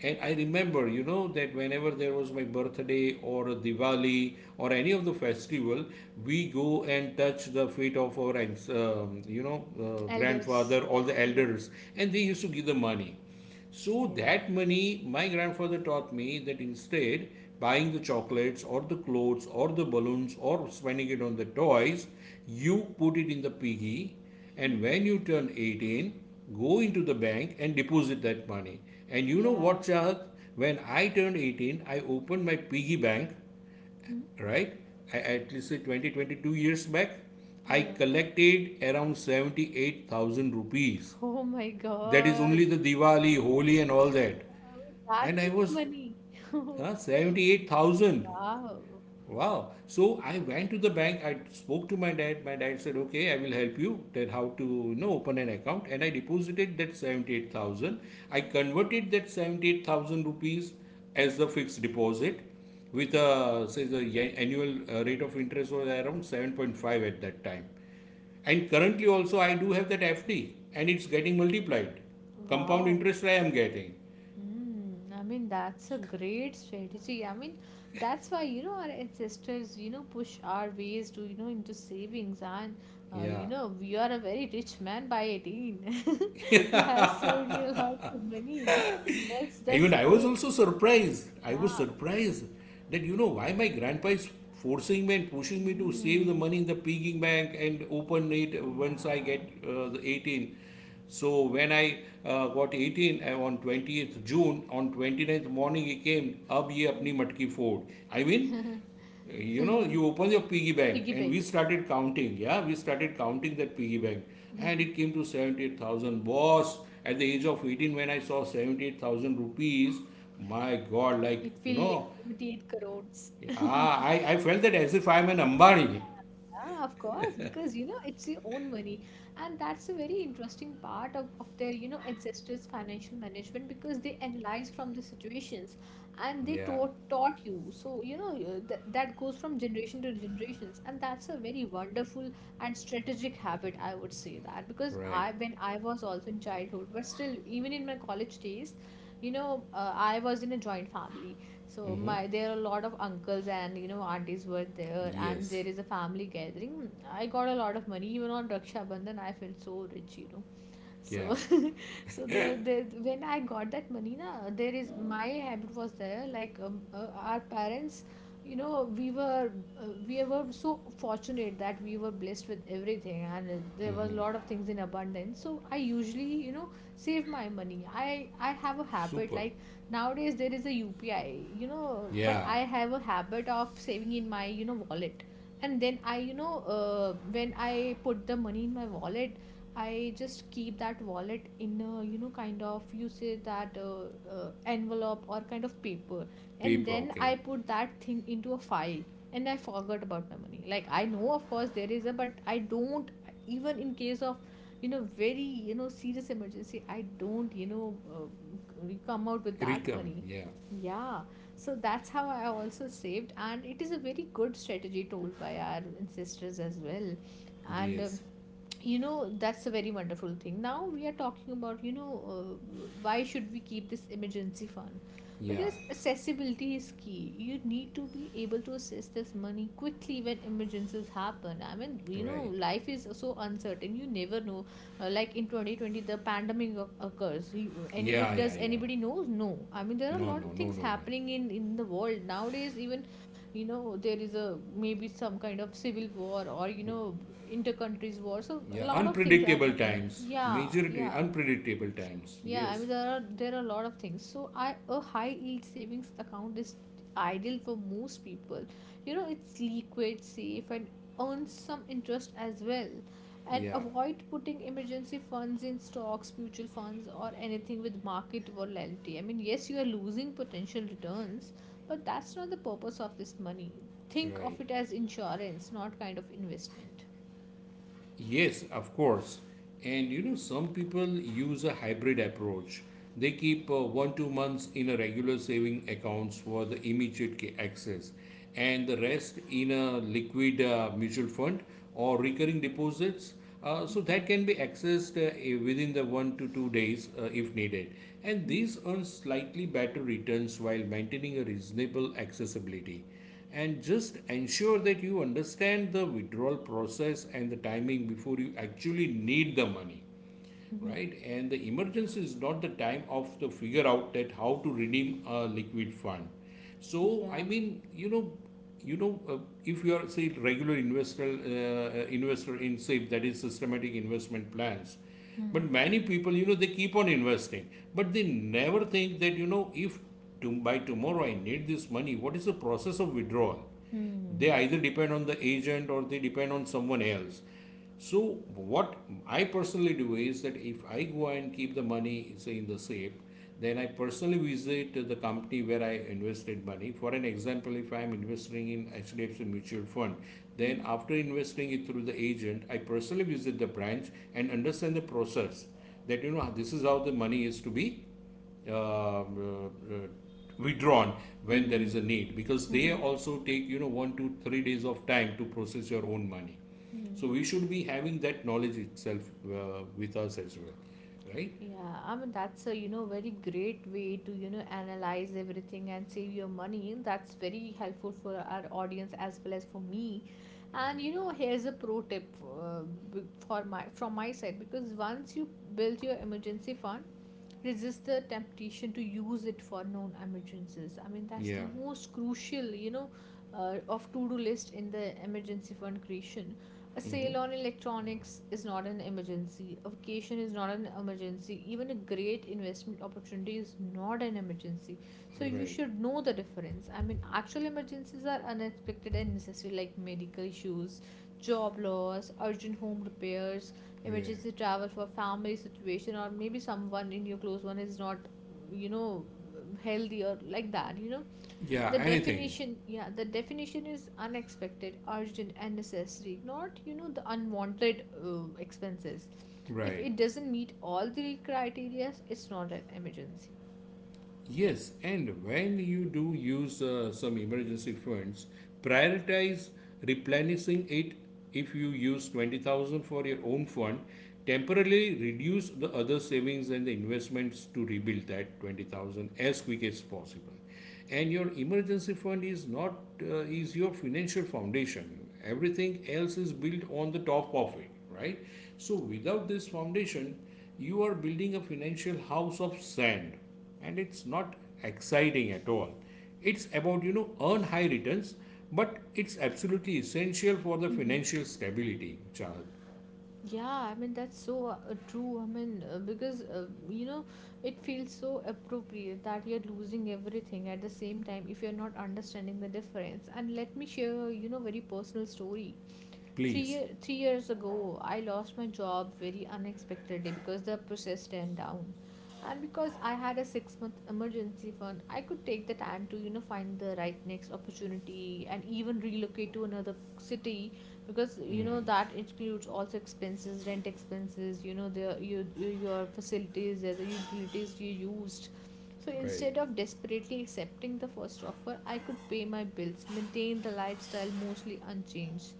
S1: And I remember, you know, that whenever there was my birthday or a Diwali or any of the festival, we go and touch the feet of our,
S2: Elders.
S1: grandfather, all the
S2: Yeah.
S1: elders, and they
S2: Hmm.
S1: used to give the money. So
S2: Yeah.
S1: that money, my grandfather taught me that instead buying the chocolates or the clothes or the balloons or spending it on the toys, you put it in the piggy, and
S2: Mm.
S1: when you turn 18, go into the bank and deposit that money. And you know what,
S2: Yeah.
S1: Chahat? When I turned 18, I opened my piggy bank,
S2: Hmm?
S1: right? I, at least say, 2022 years back. I
S2: Yeah.
S1: collected around 78,000 rupees.
S2: Oh my
S1: That is only
S2: god.
S1: the Diwali, Holi, and all that.
S2: Uh, that
S1: And I
S2: is
S1: was,
S2: money.
S1: 78,000.
S2: Wow.
S1: Wow. So I went to the bank. I spoke to my dad. My dad said, okay, I will help you. That how to, you know, open an account. And I deposited that 78,000. I converted that 78,000 rupees as the fixed deposit, with a, say, the annual rate of interest was around 7.5 at that time. And currently also I do have that FD, and it's getting multiplied. Compound
S2: Wow.
S1: interest I am getting.
S2: Mm, I mean, that's a great strategy. I mean, that's why, you know, our ancestors, you know, push our ways to, you know, into savings. And,
S1: Yeah.
S2: we are a very rich man by 18. You have saved you a lot of money. That's,
S1: Even
S2: that's
S1: I was
S2: so,
S1: also surprised. I was
S2: yeah.
S1: surprised that, you know, why my grandpa is forcing me and pushing me to save the
S2: Mm,
S1: money in the piggy bank and open it once I
S2: yeah.
S1: get the 18. So when I got 18 on 20th June, on 29th morning he came, ab ye apni matki fold. I mean, you know,
S2: Mm.
S1: you open your piggy bank,
S2: Piggy
S1: and we
S2: bank.
S1: started counting. Yeah, we started counting that piggy bank, and
S2: Mhm.
S1: it came to 78,000, boss. At the age of 18, when I saw 78,000 rupees, my god,
S2: It feels like 78 crores.
S1: yeah, I felt that as if I am an Ambani.
S2: Yeah, of course, because you know it's your own money, and that's a very interesting part of their ancestors' financial management, because they analyze from the situations, and they
S1: Yeah.
S2: taught you. So that goes from generation to generations, and that's a very wonderful and strategic habit. I would say that because
S1: Right.
S2: I when I was also in childhood, but still even in my college days, I was in a joint family. So,
S1: Mm-hmm.
S2: my there are a lot of uncles, and you know, aunties were there, and
S1: Yes.
S2: there is a family gathering. I got a lot of money. Even on Raksha Bandhan, I felt so rich, you know. So,
S1: Yeah.
S2: so there, when I got that money, na, there is my habit was there, like, our parents, you know, we were, we were so fortunate that we were blessed with everything, and there was a lot of things in abundance. So I usually, you know, save my money. I have a habit
S1: Super.
S2: like, nowadays there is a UPI, you know, but
S1: Yeah.
S2: I have a habit of saving in my, you know, wallet. And then I, when I put the money in my wallet, I just keep that wallet in a, you know, kind of, you say that, envelope or kind of paper, and
S1: Paper,
S2: then
S1: okay.
S2: I put that thing into a file, and I forgot about my money. Like, I know, of course there is a, but I don't, even in case of, you know, very, you know, serious emergency, I don't, come out with that
S1: Rikam,
S2: money.
S1: yeah.
S2: Yeah, so that's how I also saved, and it is a very good strategy told by our ancestors as well, and.
S1: Yes.
S2: You know, that's a very wonderful thing. Now we are talking about, why should we keep this emergency fund?
S1: Yeah.
S2: Because accessibility is key. You need to be able to assess this money quickly when emergencies happen. I mean, you know,
S1: Right.
S2: life is so uncertain, you never know. Like in 2020, the pandemic occurs. Anybody,
S1: Yeah, yeah,
S2: does
S1: yeah.
S2: anybody knows? No, I mean, there are a
S1: no
S2: lot of
S1: no no
S2: things
S1: no one.
S2: happening in the world nowadays. Even, you know, there is a, maybe some kind of civil war, or you know, inter countries war. So a
S1: Yeah,
S2: lot of things are
S1: unpredictable
S2: happening,
S1: times.
S2: yeah,
S1: Majority
S2: yeah.
S1: unpredictable times.
S2: Yeah, I mean,
S1: Yes.
S2: there are, there are a lot of things. So, I a high yield savings account is ideal for most people. You know, it's liquid, safe, and earns some interest as well. And
S1: Yeah.
S2: avoid putting emergency funds in stocks, mutual funds, or anything with market volatility. I mean, yes, you are losing potential returns, but that's not the purpose of this money. Think of
S1: Right.
S2: it as insurance, not kind of investment.
S1: Yes, of course. And you know, some people use a hybrid approach. They keep 1 2 months in a regular saving accounts for the immediate access, and the rest in a liquid mutual fund or recurring deposits. So that can be accessed within the 1 to 2 days if needed. And these earn slightly better returns while maintaining a reasonable accessibility. And just ensure that you understand the withdrawal process and the timing before you actually need the money, right? And the emergency is not the time of the figure out that how to redeem a liquid fund. So I
S2: Yeah.
S1: mean, you know, you know, uh, if you are, say, regular investor, investor in SIP, that is systematic investment plans.
S2: Hmm.
S1: But many people, you know, they keep on investing, but they never think that, you know, if to, by tomorrow I need this money, what is the process of withdrawal?
S2: Hmm.
S1: They either depend on the agent, or they depend on someone else. So what I personally do is that, if I go and keep the money, say, in the safe, then I personally visit the company where I invested money. For an example, if I am investing in HDFC mutual fund, then
S2: Hmm.
S1: after investing it through the agent, I personally visit the branch and understand the process. That, you know, this is how the money is to be um, uh, uh, withdrawn when
S2: Hmm.
S1: there
S2: Hmm.
S1: is a need, because
S2: Hmm.
S1: they
S2: Hmm.
S1: also take, you know, 1 to 3 days of time to process your own money. So we
S2: Hmm.
S1: should be having that knowledge itself with us as well, right?
S2: Yeah, I mean, that's a, you know, very great way to, you know, analyze everything and save your money. That's very helpful for our audience as well as for me. And you know, here's a pro tip, uh, b- for my from my side, because once you built your emergency fund, resist the temptation to use it for known emergencies. I mean, that's the
S1: Yeah.
S2: most crucial, of to do list in the emergency fund creation. A
S1: Mm-hmm.
S2: sale on electronics is not an emergency. A vacation is not an emergency. Even a great investment opportunity is not an emergency. So you
S1: Right.
S2: should know the difference. I mean, actual emergencies are unexpected and necessary, like medical issues, job loss, urgent home repairs,
S1: Yeah,
S2: emergency travel for family situation, or maybe someone in your close one is not, you know, healthy, or like that. You know,
S1: yeah,
S2: the
S1: anything.
S2: definition, yeah, the definition is unexpected, urgent, and necessary, not, you know, the unwanted expenses. If
S1: Right.
S2: it doesn't meet all the criteria, it's not an emergency.
S1: Yes, and when you do use some emergency funds, prioritize replenishing it. If you use 20,000 for your own fund, temporarily reduce the other savings and the investments to rebuild that 20,000 as quick as possible. And your emergency fund is not, is your financial foundation. Everything else is built on the top of it, right? So without this foundation, you are building a financial house of sand, and it's not exciting at all. It's about, you know, earn high returns, but it's absolutely essential for the
S2: Hmm.
S1: financial stability, child.
S2: Yeah, I mean, that's so true. I mean, because, you know, it feels so appropriate that you're losing everything at the same time if you're not understanding the difference. And let me share, you know, very personal story.
S1: Please.
S2: 3 years ago, I lost my job very unexpectedly because the process ran down. And because I had a 6 month emergency fund, I could take the time to, you know, find the right next opportunity and even relocate to another city, because, you know, that includes also expenses, rent expenses, you know, your facilities, the utilities you used. So
S1: Right.
S2: instead of desperately accepting the first offer, I could pay my bills, maintain the lifestyle mostly unchanged,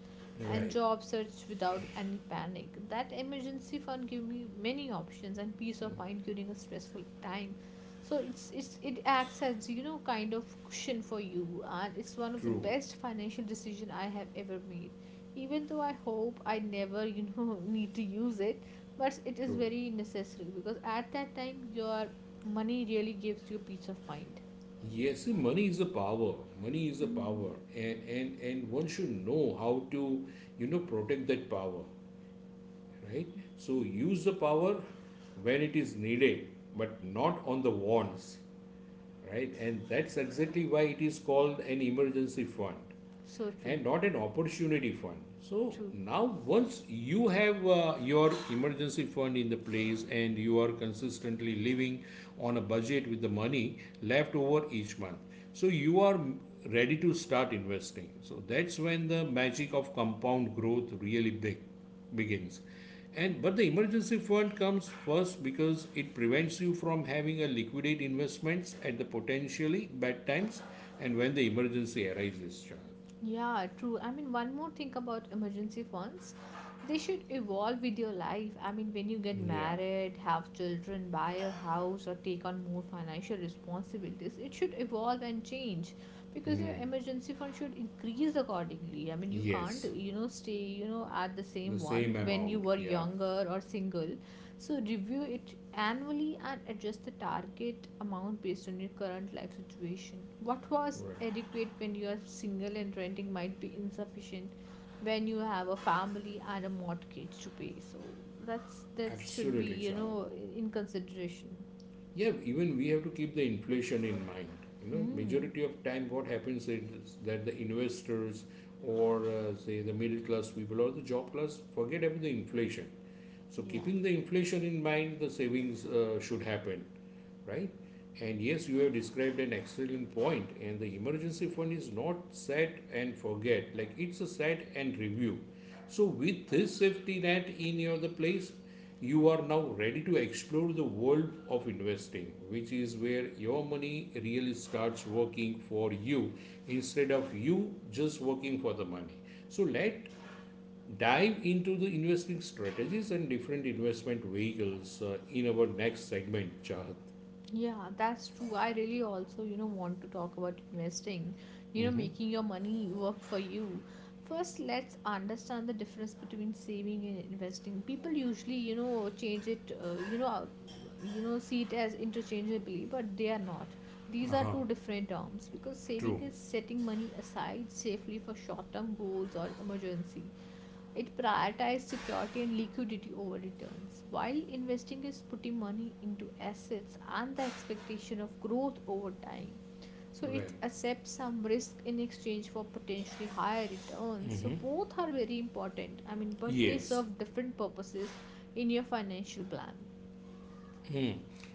S2: and
S1: Right.
S2: job search without any panic. That emergency fund give me many options and peace of mind during a stressful time. So it acts as, you know, kind of cushion for you, and it's one of the
S1: True.
S2: best financial decision I have ever made. Even though I hope I never, need to use it, but it is
S1: True.
S2: very necessary, because at that time your money really gives you peace of mind.
S1: Yes, see, money is a power. Money is a power,
S2: Mm,
S1: and and one should know how to, you know, protect that power, right? So
S2: yeah.
S1: use the power when it is needed, but not on the wants, right? And that's exactly why it is called an emergency fund
S2: So true,
S1: and not an opportunity fund. So
S2: true.
S1: now, once you have your emergency fund in the place, and you are consistently living on a budget with the money left over each month, so you are ready to start investing. So that's when the magic of compound growth really big begins. And but the emergency fund comes first because it prevents you from having a liquidate investments at the potentially bad times, and when the emergency arises, child.
S2: Yeah, true. I mean, one more thing about emergency funds. They should evolve with your life. I mean, when you get
S1: Yeah.
S2: married, have children, buy a house, or take on more financial responsibilities, it should evolve and change, because your emergency fund should increase accordingly. I mean, you can't,
S1: Yes.
S2: you know, stay, you know, at the same
S1: The same
S2: one when you
S1: amount.
S2: were
S1: Yeah.
S2: younger or single. So review it annually and adjust the target amount based on your current life situation. What was
S1: Right.
S2: adequate when you are single and renting might be insufficient when you have a family and a mortgage to pay. So that should be,
S1: Absolutely,
S2: you
S1: Charles.
S2: know, in consideration.
S1: Yeah, even we have to keep the inflation in mind. You know,
S2: Hmm.
S1: majority of time, what happens is that the investors, or say, the middle class people or the job class, forget about the inflation. So,
S2: Yeah.
S1: keeping the inflation in mind, the savings should happen, right? And yes, you have described an excellent point. And the emergency fund is not set and forget, like it's a set and review. So with this safety net in your the place, you are now ready to explore the world of investing, which is where your money really starts working for you, instead of you just working for the money. So let dive into the investing strategies and different investment vehicles in our next segment, Chahat.
S2: Yeah, that's true. I really also, you know, want to talk about investing, you know,
S1: Mhm.
S2: making your money work for you. First, let's understand the difference between saving and investing. People usually, you know, change it, see it as interchangeably, but they are not. These are
S1: Uh-huh.
S2: two different terms, because saving
S1: True.
S2: is setting money aside safely for short-term goals or emergency. It prioritized security and liquidity over returns. While investing is putting money into assets and the expectation of growth over time. So
S1: Right.
S2: it accepts some risk in exchange for potentially higher returns. So both are very important. I mean, but they
S1: Yes.
S2: serve different purposes in your financial plan.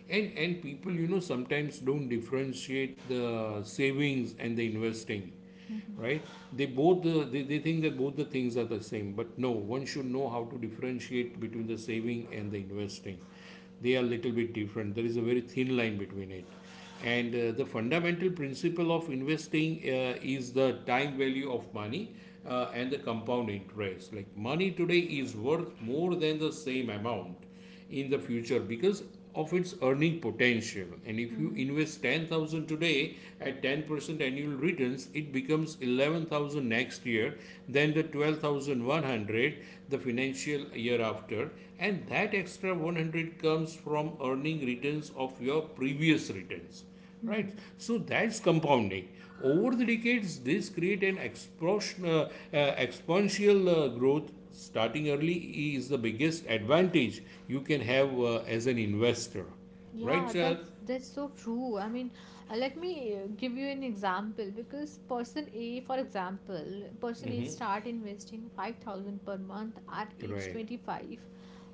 S1: and people, you know, sometimes don't differentiate the savings and the investing, right? They both they think that both the things are the same, but no, one should know how to differentiate between the saving and the investing. They are little bit different. There is a very thin line between it. And the fundamental principle of investing is the time value of money and the compound interest. Like, money today is worth more than the same amount in the future, because of its earning potential. And if you
S2: Mhm.
S1: invest 10,000 today at 10% annual returns, it becomes 11,000 next year, then the 12,100 the financial year after, and that extra 100 comes from earning returns of your previous returns. Right. So that's compounding. Over the decades, this create an explosion, exponential growth. Starting early is the biggest advantage you can have as an investor. Right,
S2: Yeah,
S1: Chad?
S2: that's so true. I mean, let me give you an example. Because person A, for example, person A start investing 5,000 per month at age
S1: Right.
S2: 25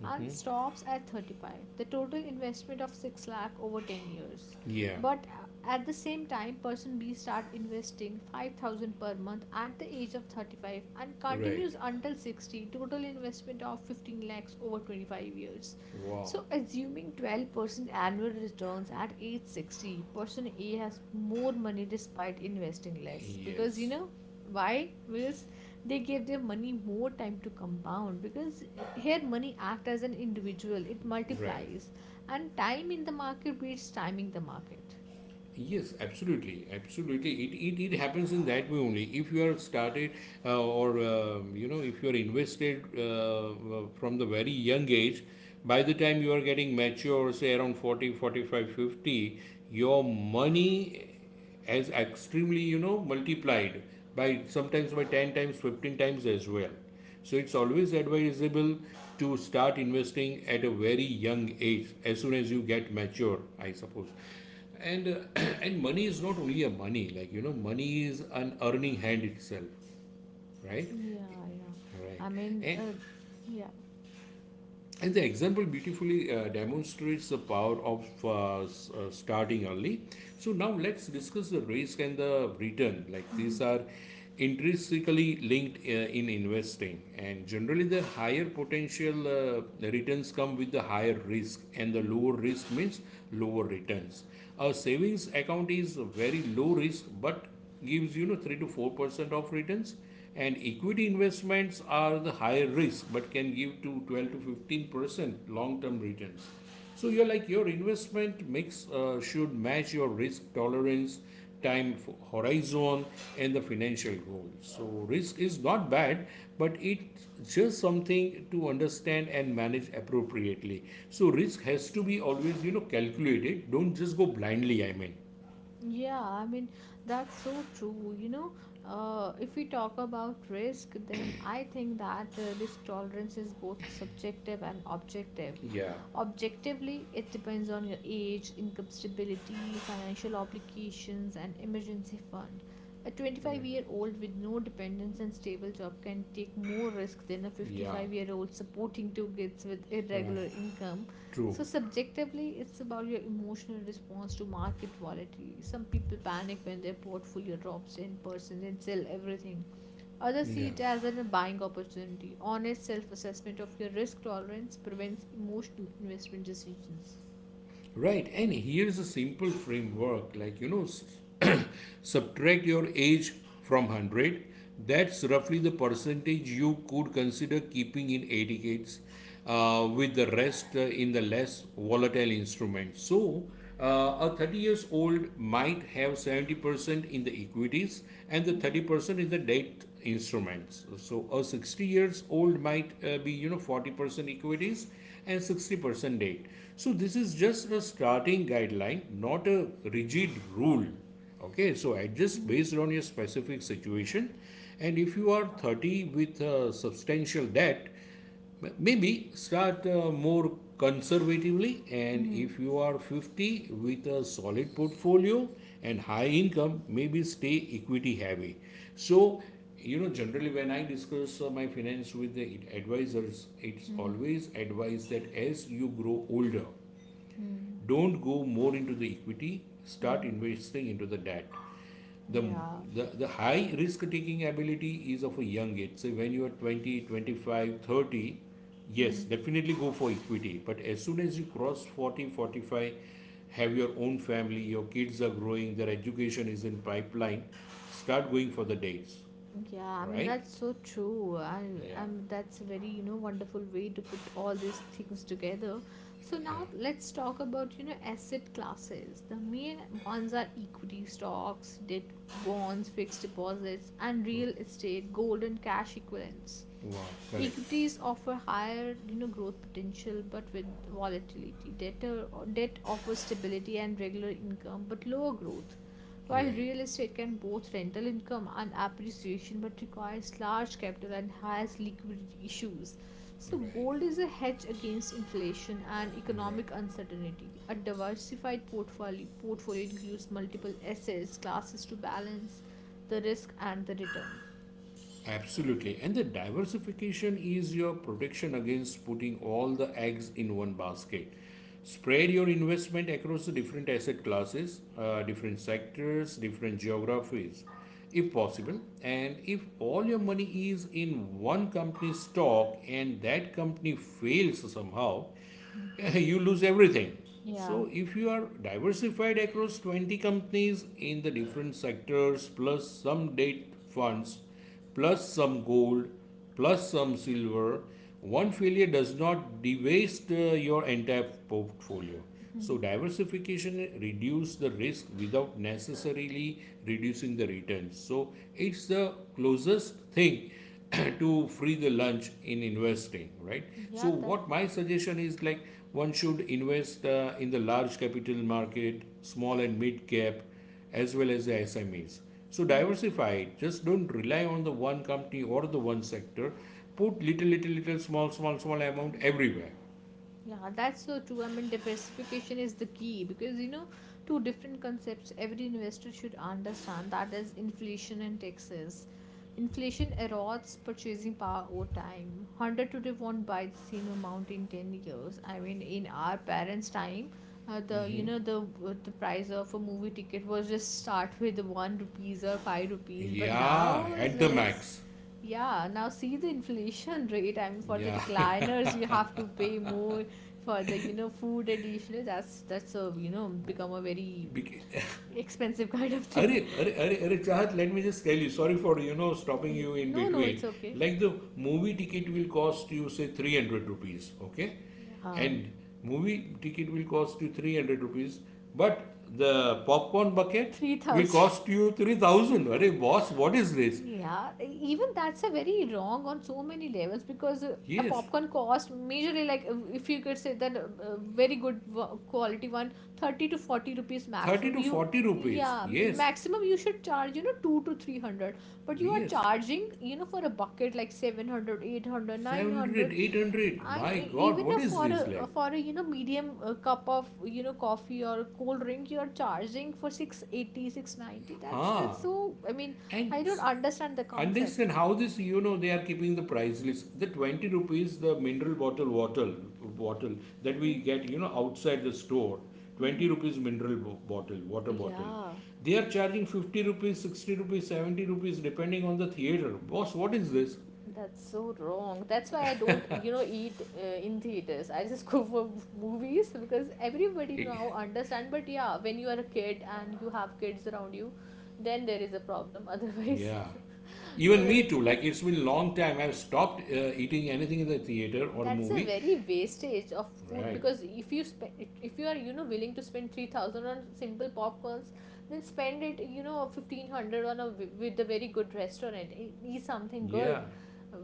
S2: and stops at 35. The total investment of 6 lakh over 10 years.
S1: Yeah.
S2: But at the same time, person B start investing 5,000 per month at the age of 35 and
S1: Right.
S2: continues until 60, total investment of 15 lakhs over 25 years,
S1: Wow.
S2: so, assuming 12% annual returns at age 60, person A has more money despite investing less. Because you
S1: Yes.
S2: know why? Because they give their money more time to compound. Because here, money acts as an individual, it
S1: Right.
S2: multiplies. And time in the market beats timing the market.
S1: Yes, absolutely, absolutely. It happens in that way only. If you are started or you know If you are invested from the very young age, by the time you are getting mature, say around 40, 45, 50, your money as extremely multiplied by sometimes by 10 times 15 times as well. So it's always advisable to start investing at a very young age as soon as you get mature, I suppose. And and money is not only a money, money is an earning hand itself. Right.
S2: Yeah, yeah.
S1: Right.
S2: I mean,
S1: and
S2: yeah.
S1: And the example beautifully demonstrates the power of starting early. So now let's discuss the risk and the return. Like,
S2: Hmm.
S1: these are intrinsically linked in investing, and generally the higher potential the returns come with the higher risk, and the lower risk means lower returns. A savings account is very low risk, but gives 3 to 4% of returns, and equity investments are the higher risk but can give to 12 to 15% long term returns. So you're like your investment mix should match your risk tolerance, time horizon, and the financial goals. So risk is not bad, but it's just something to understand and manage appropriately. So risk has to be always calculated. Don't just go blindly. I mean,
S2: Yeah, I mean, that's so true. If we talk about risk, then I think that risk tolerance is both subjective and objective.
S1: yeah.
S2: Objectively, it depends on your age, income stability, financial obligations, and emergency fund. A
S1: Right.
S2: 25-year-old with no dependents and stable job can take more risk than a
S1: Yeah,
S2: 55-year-old supporting two kids with
S1: right,
S2: irregular income.
S1: true,
S2: So, subjectively, it's about your emotional response to market volatility. Some people panic when their portfolio drops 10% and sell everything. Others see it
S1: yeah.
S2: as a buying opportunity. Honest self assessment of your risk tolerance prevents emotional investment decisions.
S1: Right, and here's a simple framework, subtract your age from 100. That's roughly the percentage you could consider keeping in A decades, with the rest in the less volatile instruments. So, a 30 years old might have 70% in the equities and the 30% in the debt instruments. So, a 60 years old might be 40% equities and 60% date. So this is just a starting guideline, not a rigid rule. Okay, so adjust based on your specific situation. And if you are 30 with substantial debt, maybe start more conservatively. And
S2: Mm-hmm.
S1: if you are 50 with a solid portfolio and high income, maybe stay equity heavy. So, generally when I discuss my finance with the advisors, it's
S2: Mm-hmm.
S1: always advised that as you grow older,
S2: Mm-hmm.
S1: don't go more into the equity, start investing into the debt. The,
S2: Yeah.
S1: the high risk taking ability is of a young age. Say when you are 20, 25, 30, yes,
S2: Mm-hmm.
S1: definitely go for equity. But as soon as you cross 40, 45, have your own family, your kids are growing, their education is in pipeline, start going for the dates.
S2: Yeah, I mean
S1: Right.
S2: that's so true. I
S1: Yeah.
S2: that's a very, wonderful way to put all these things together. So
S1: Yeah.
S2: now let's talk about, asset classes. The main ones are equity stocks, debt bonds, fixed deposits, and real estate, gold and cash equivalents.
S1: Wow. Correct.
S2: Equities offer higher, growth potential but with volatility. Debt or debt offers stability and regular income but lower growth. While
S1: Right.
S2: real estate can both rental income and appreciation but requires large capital and has liquidity issues. So
S1: Right.
S2: gold is a hedge against inflation and
S1: Right.
S2: economic uncertainty. A diversified portfolio includes multiple assets classes to balance the risk and the return.
S1: Absolutely. And the diversification is your protection against putting all the eggs in one basket. Spread your investment across the different asset classes, different sectors, different geographies, if possible. And if all your money is in one company stock and that company fails somehow, you lose everything. So if you are diversified across 20 companies in the different sectors, plus some debt funds, plus some gold, plus some silver. One failure does not dewaste your entire portfolio. So diversification reduces the risk without necessarily reducing the returns. So it's the closest thing to free the lunch in investing, right? So
S2: Yeah, that.
S1: what my suggestion is, like, one should invest in the large capital market, small and mid cap, as well as the SMEs. So diversify. Just don't rely on the one company or the one sector. Put little, little, little, small, small, small amount everywhere.
S2: Yeah, that's so true. I mean, diversification is the key because two different concepts every investor should understand, that is inflation and taxes. Inflation erodes purchasing power over time. 100 today won't buy the same amount in 10 years. I mean, in our parents' time, the price of a movie ticket was just start with 1 rupees or 5 rupees, but
S1: Yeah,
S2: now it's
S1: at the
S2: like
S1: max.
S2: yeah, now see the inflation rate. I mean, for the
S1: Yeah.
S2: recliners, you have to pay more for the, food additional. That's a, become a very expensive kind of thing.
S1: Arey, Arey, Arey, Arey, Chahat, let me just tell you, sorry for, stopping you in
S2: No, no,
S1: between.
S2: it's okay.
S1: Like the movie ticket will cost you, say, 300 rupees, okay?
S2: Yeah.
S1: And movie ticket will cost you 300 rupees, but the popcorn bucket will cost you
S2: 3,000.
S1: 3,000. Arey, boss, what is
S2: I
S1: this?
S2: Yeah, even that's a very wrong on so many levels because a
S1: Yes,
S2: popcorn cost majorly like if you could say that a very good quality one, 30 to 40 rupees
S1: 30
S2: maximum,
S1: to 40 rupees. Yes,
S2: maximum you should charge 2 to 300, but you are
S1: yes.
S2: charging for a bucket like 700, 800, nine
S1: 700,
S2: hundred
S1: 800.
S2: And
S1: My
S2: e-
S1: God,
S2: even
S1: what
S2: if
S1: is
S2: for
S1: this
S2: a
S1: like?
S2: for a medium cup of coffee or cold drink you are charging for six eighty six ninety. that's
S1: Huh.
S2: that's so. I mean,
S1: And
S2: I don't understand the
S1: unless
S2: concept.
S1: and how this, they are keeping the price list. The 20 rupees, the mineral bottle that we get, you know, outside the store, 20 rupees mineral bottle, water bottle.
S2: Yeah.
S1: They are charging 50 rupees, 60 rupees, 70 rupees, depending on the theater. Boss, what is this?
S2: Mhm. That's so wrong. That's why I don't, eat in theaters. I just go for movies because everybody now
S1: Eh,
S2: understand. But yeah, when you are a kid and you have kids around you, then there is a problem. Otherwise,
S1: yeah. Even me
S2: otherwise.
S1: too. Like, it's been long time. I've stopped eating anything in the theater or
S2: That's a
S1: movie.
S2: very wastage of food.
S1: Right.
S2: Because if you spend, if you are willing to spend 3,000 on simple popcorns, then spend it 1,500 on a with a very good restaurant. Eat something good.
S1: Yeah.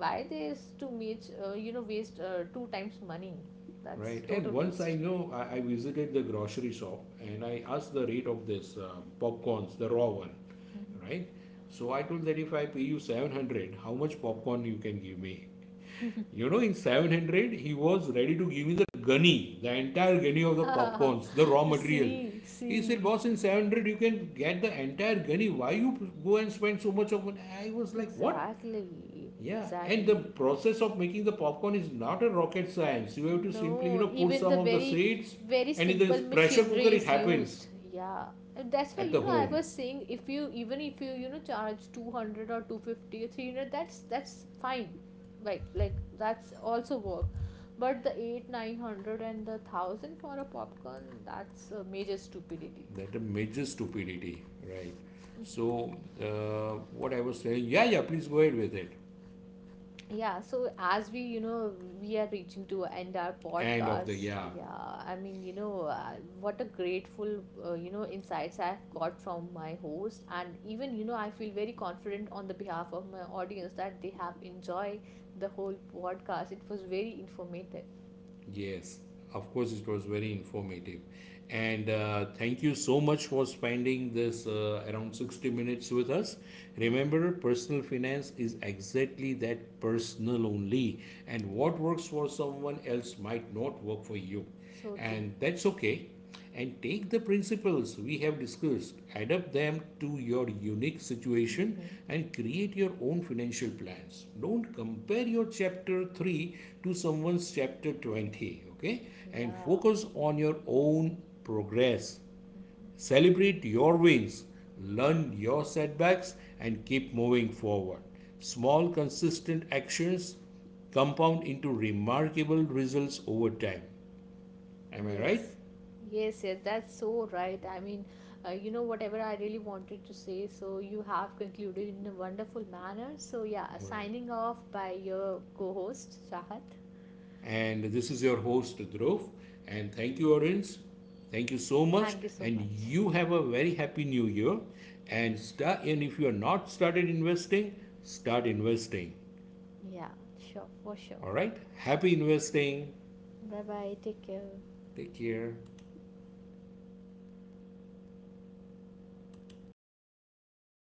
S2: Why there's to meet, waste, two times money. That's
S1: Right. And
S2: total
S1: once I
S2: waste.
S1: know, I visited the grocery shop and I asked the rate of this popcorns, the raw one, right? So I told that if I pay you 700, how much popcorn you can give me? In 700, he was ready to give me the gunny, the entire gunny of the popcorns, the raw material.
S2: See,
S1: He said,
S2: see.
S1: boss, in 700, you can get the entire gunny. Why you go and spend so much of money? I was like, what?
S2: Exactly,
S1: Yeah, and the
S2: exactly.
S1: process of making the popcorn is not a rocket science. You have to simply,
S2: No,
S1: put
S2: even
S1: some
S2: the
S1: of the
S2: very,
S1: seeds,
S2: very
S1: and in this
S2: simple
S1: pressure cooker,
S2: machinery
S1: it
S2: is
S1: happens
S2: used. Yeah. And that's why,
S1: at the
S2: I
S1: home.
S2: was saying if you even if you, charge 200 or 250 or 300, that's fine. Right. Like that's also work. But the 8, 900 and the 1,000 for a popcorn, that's a major stupidity.
S1: That a major stupidity, right? So, what I was saying, yeah, yeah, please go ahead with it.
S2: Yeah, so as we you know we are reaching to end our
S1: End of the
S2: podcast.
S1: yeah.
S2: Yeah, I mean, what a grateful insights I've got from my host. And even I feel very confident on the behalf of my audience that they have enjoyed the whole podcast. It was very informative.
S1: Yes, of course, it was very informative. And thank you so much for spending this around 60 minutes with us.
S2: Mm.
S1: Remember, personal finance is exactly that personal only, and what
S2: Yeah,
S1: works for someone else might not work for you,
S2: so true.
S1: and that's okay. And take the principles we have discussed, adapt them to your unique situation,
S2: Mm-hmm.
S1: and create your own financial plans. Don't compare your chapter 3 to someone's chapter 20. Okay, and
S2: Yeah.
S1: focus on your own progress, celebrate your wins, learn your setbacks, and keep moving forward. Small consistent actions compound into remarkable results over time. Am I right?
S2: Yes, yes, yeah, that's so right. I mean, whatever I really wanted to say, so you have concluded in a wonderful manner. So, yeah,
S1: Right.
S2: signing off by your co-host, Shahat.
S1: And this is your host, Dhruv. And thank you, audience. Thank you so much.
S2: Thank you so
S1: And
S2: much.
S1: you have a very happy new year. And if you are not started investing, start investing.
S2: Yeah, sure, for sure.
S1: All right. Happy
S2: Okay,
S1: investing.
S2: bye bye, take care.
S1: Take care.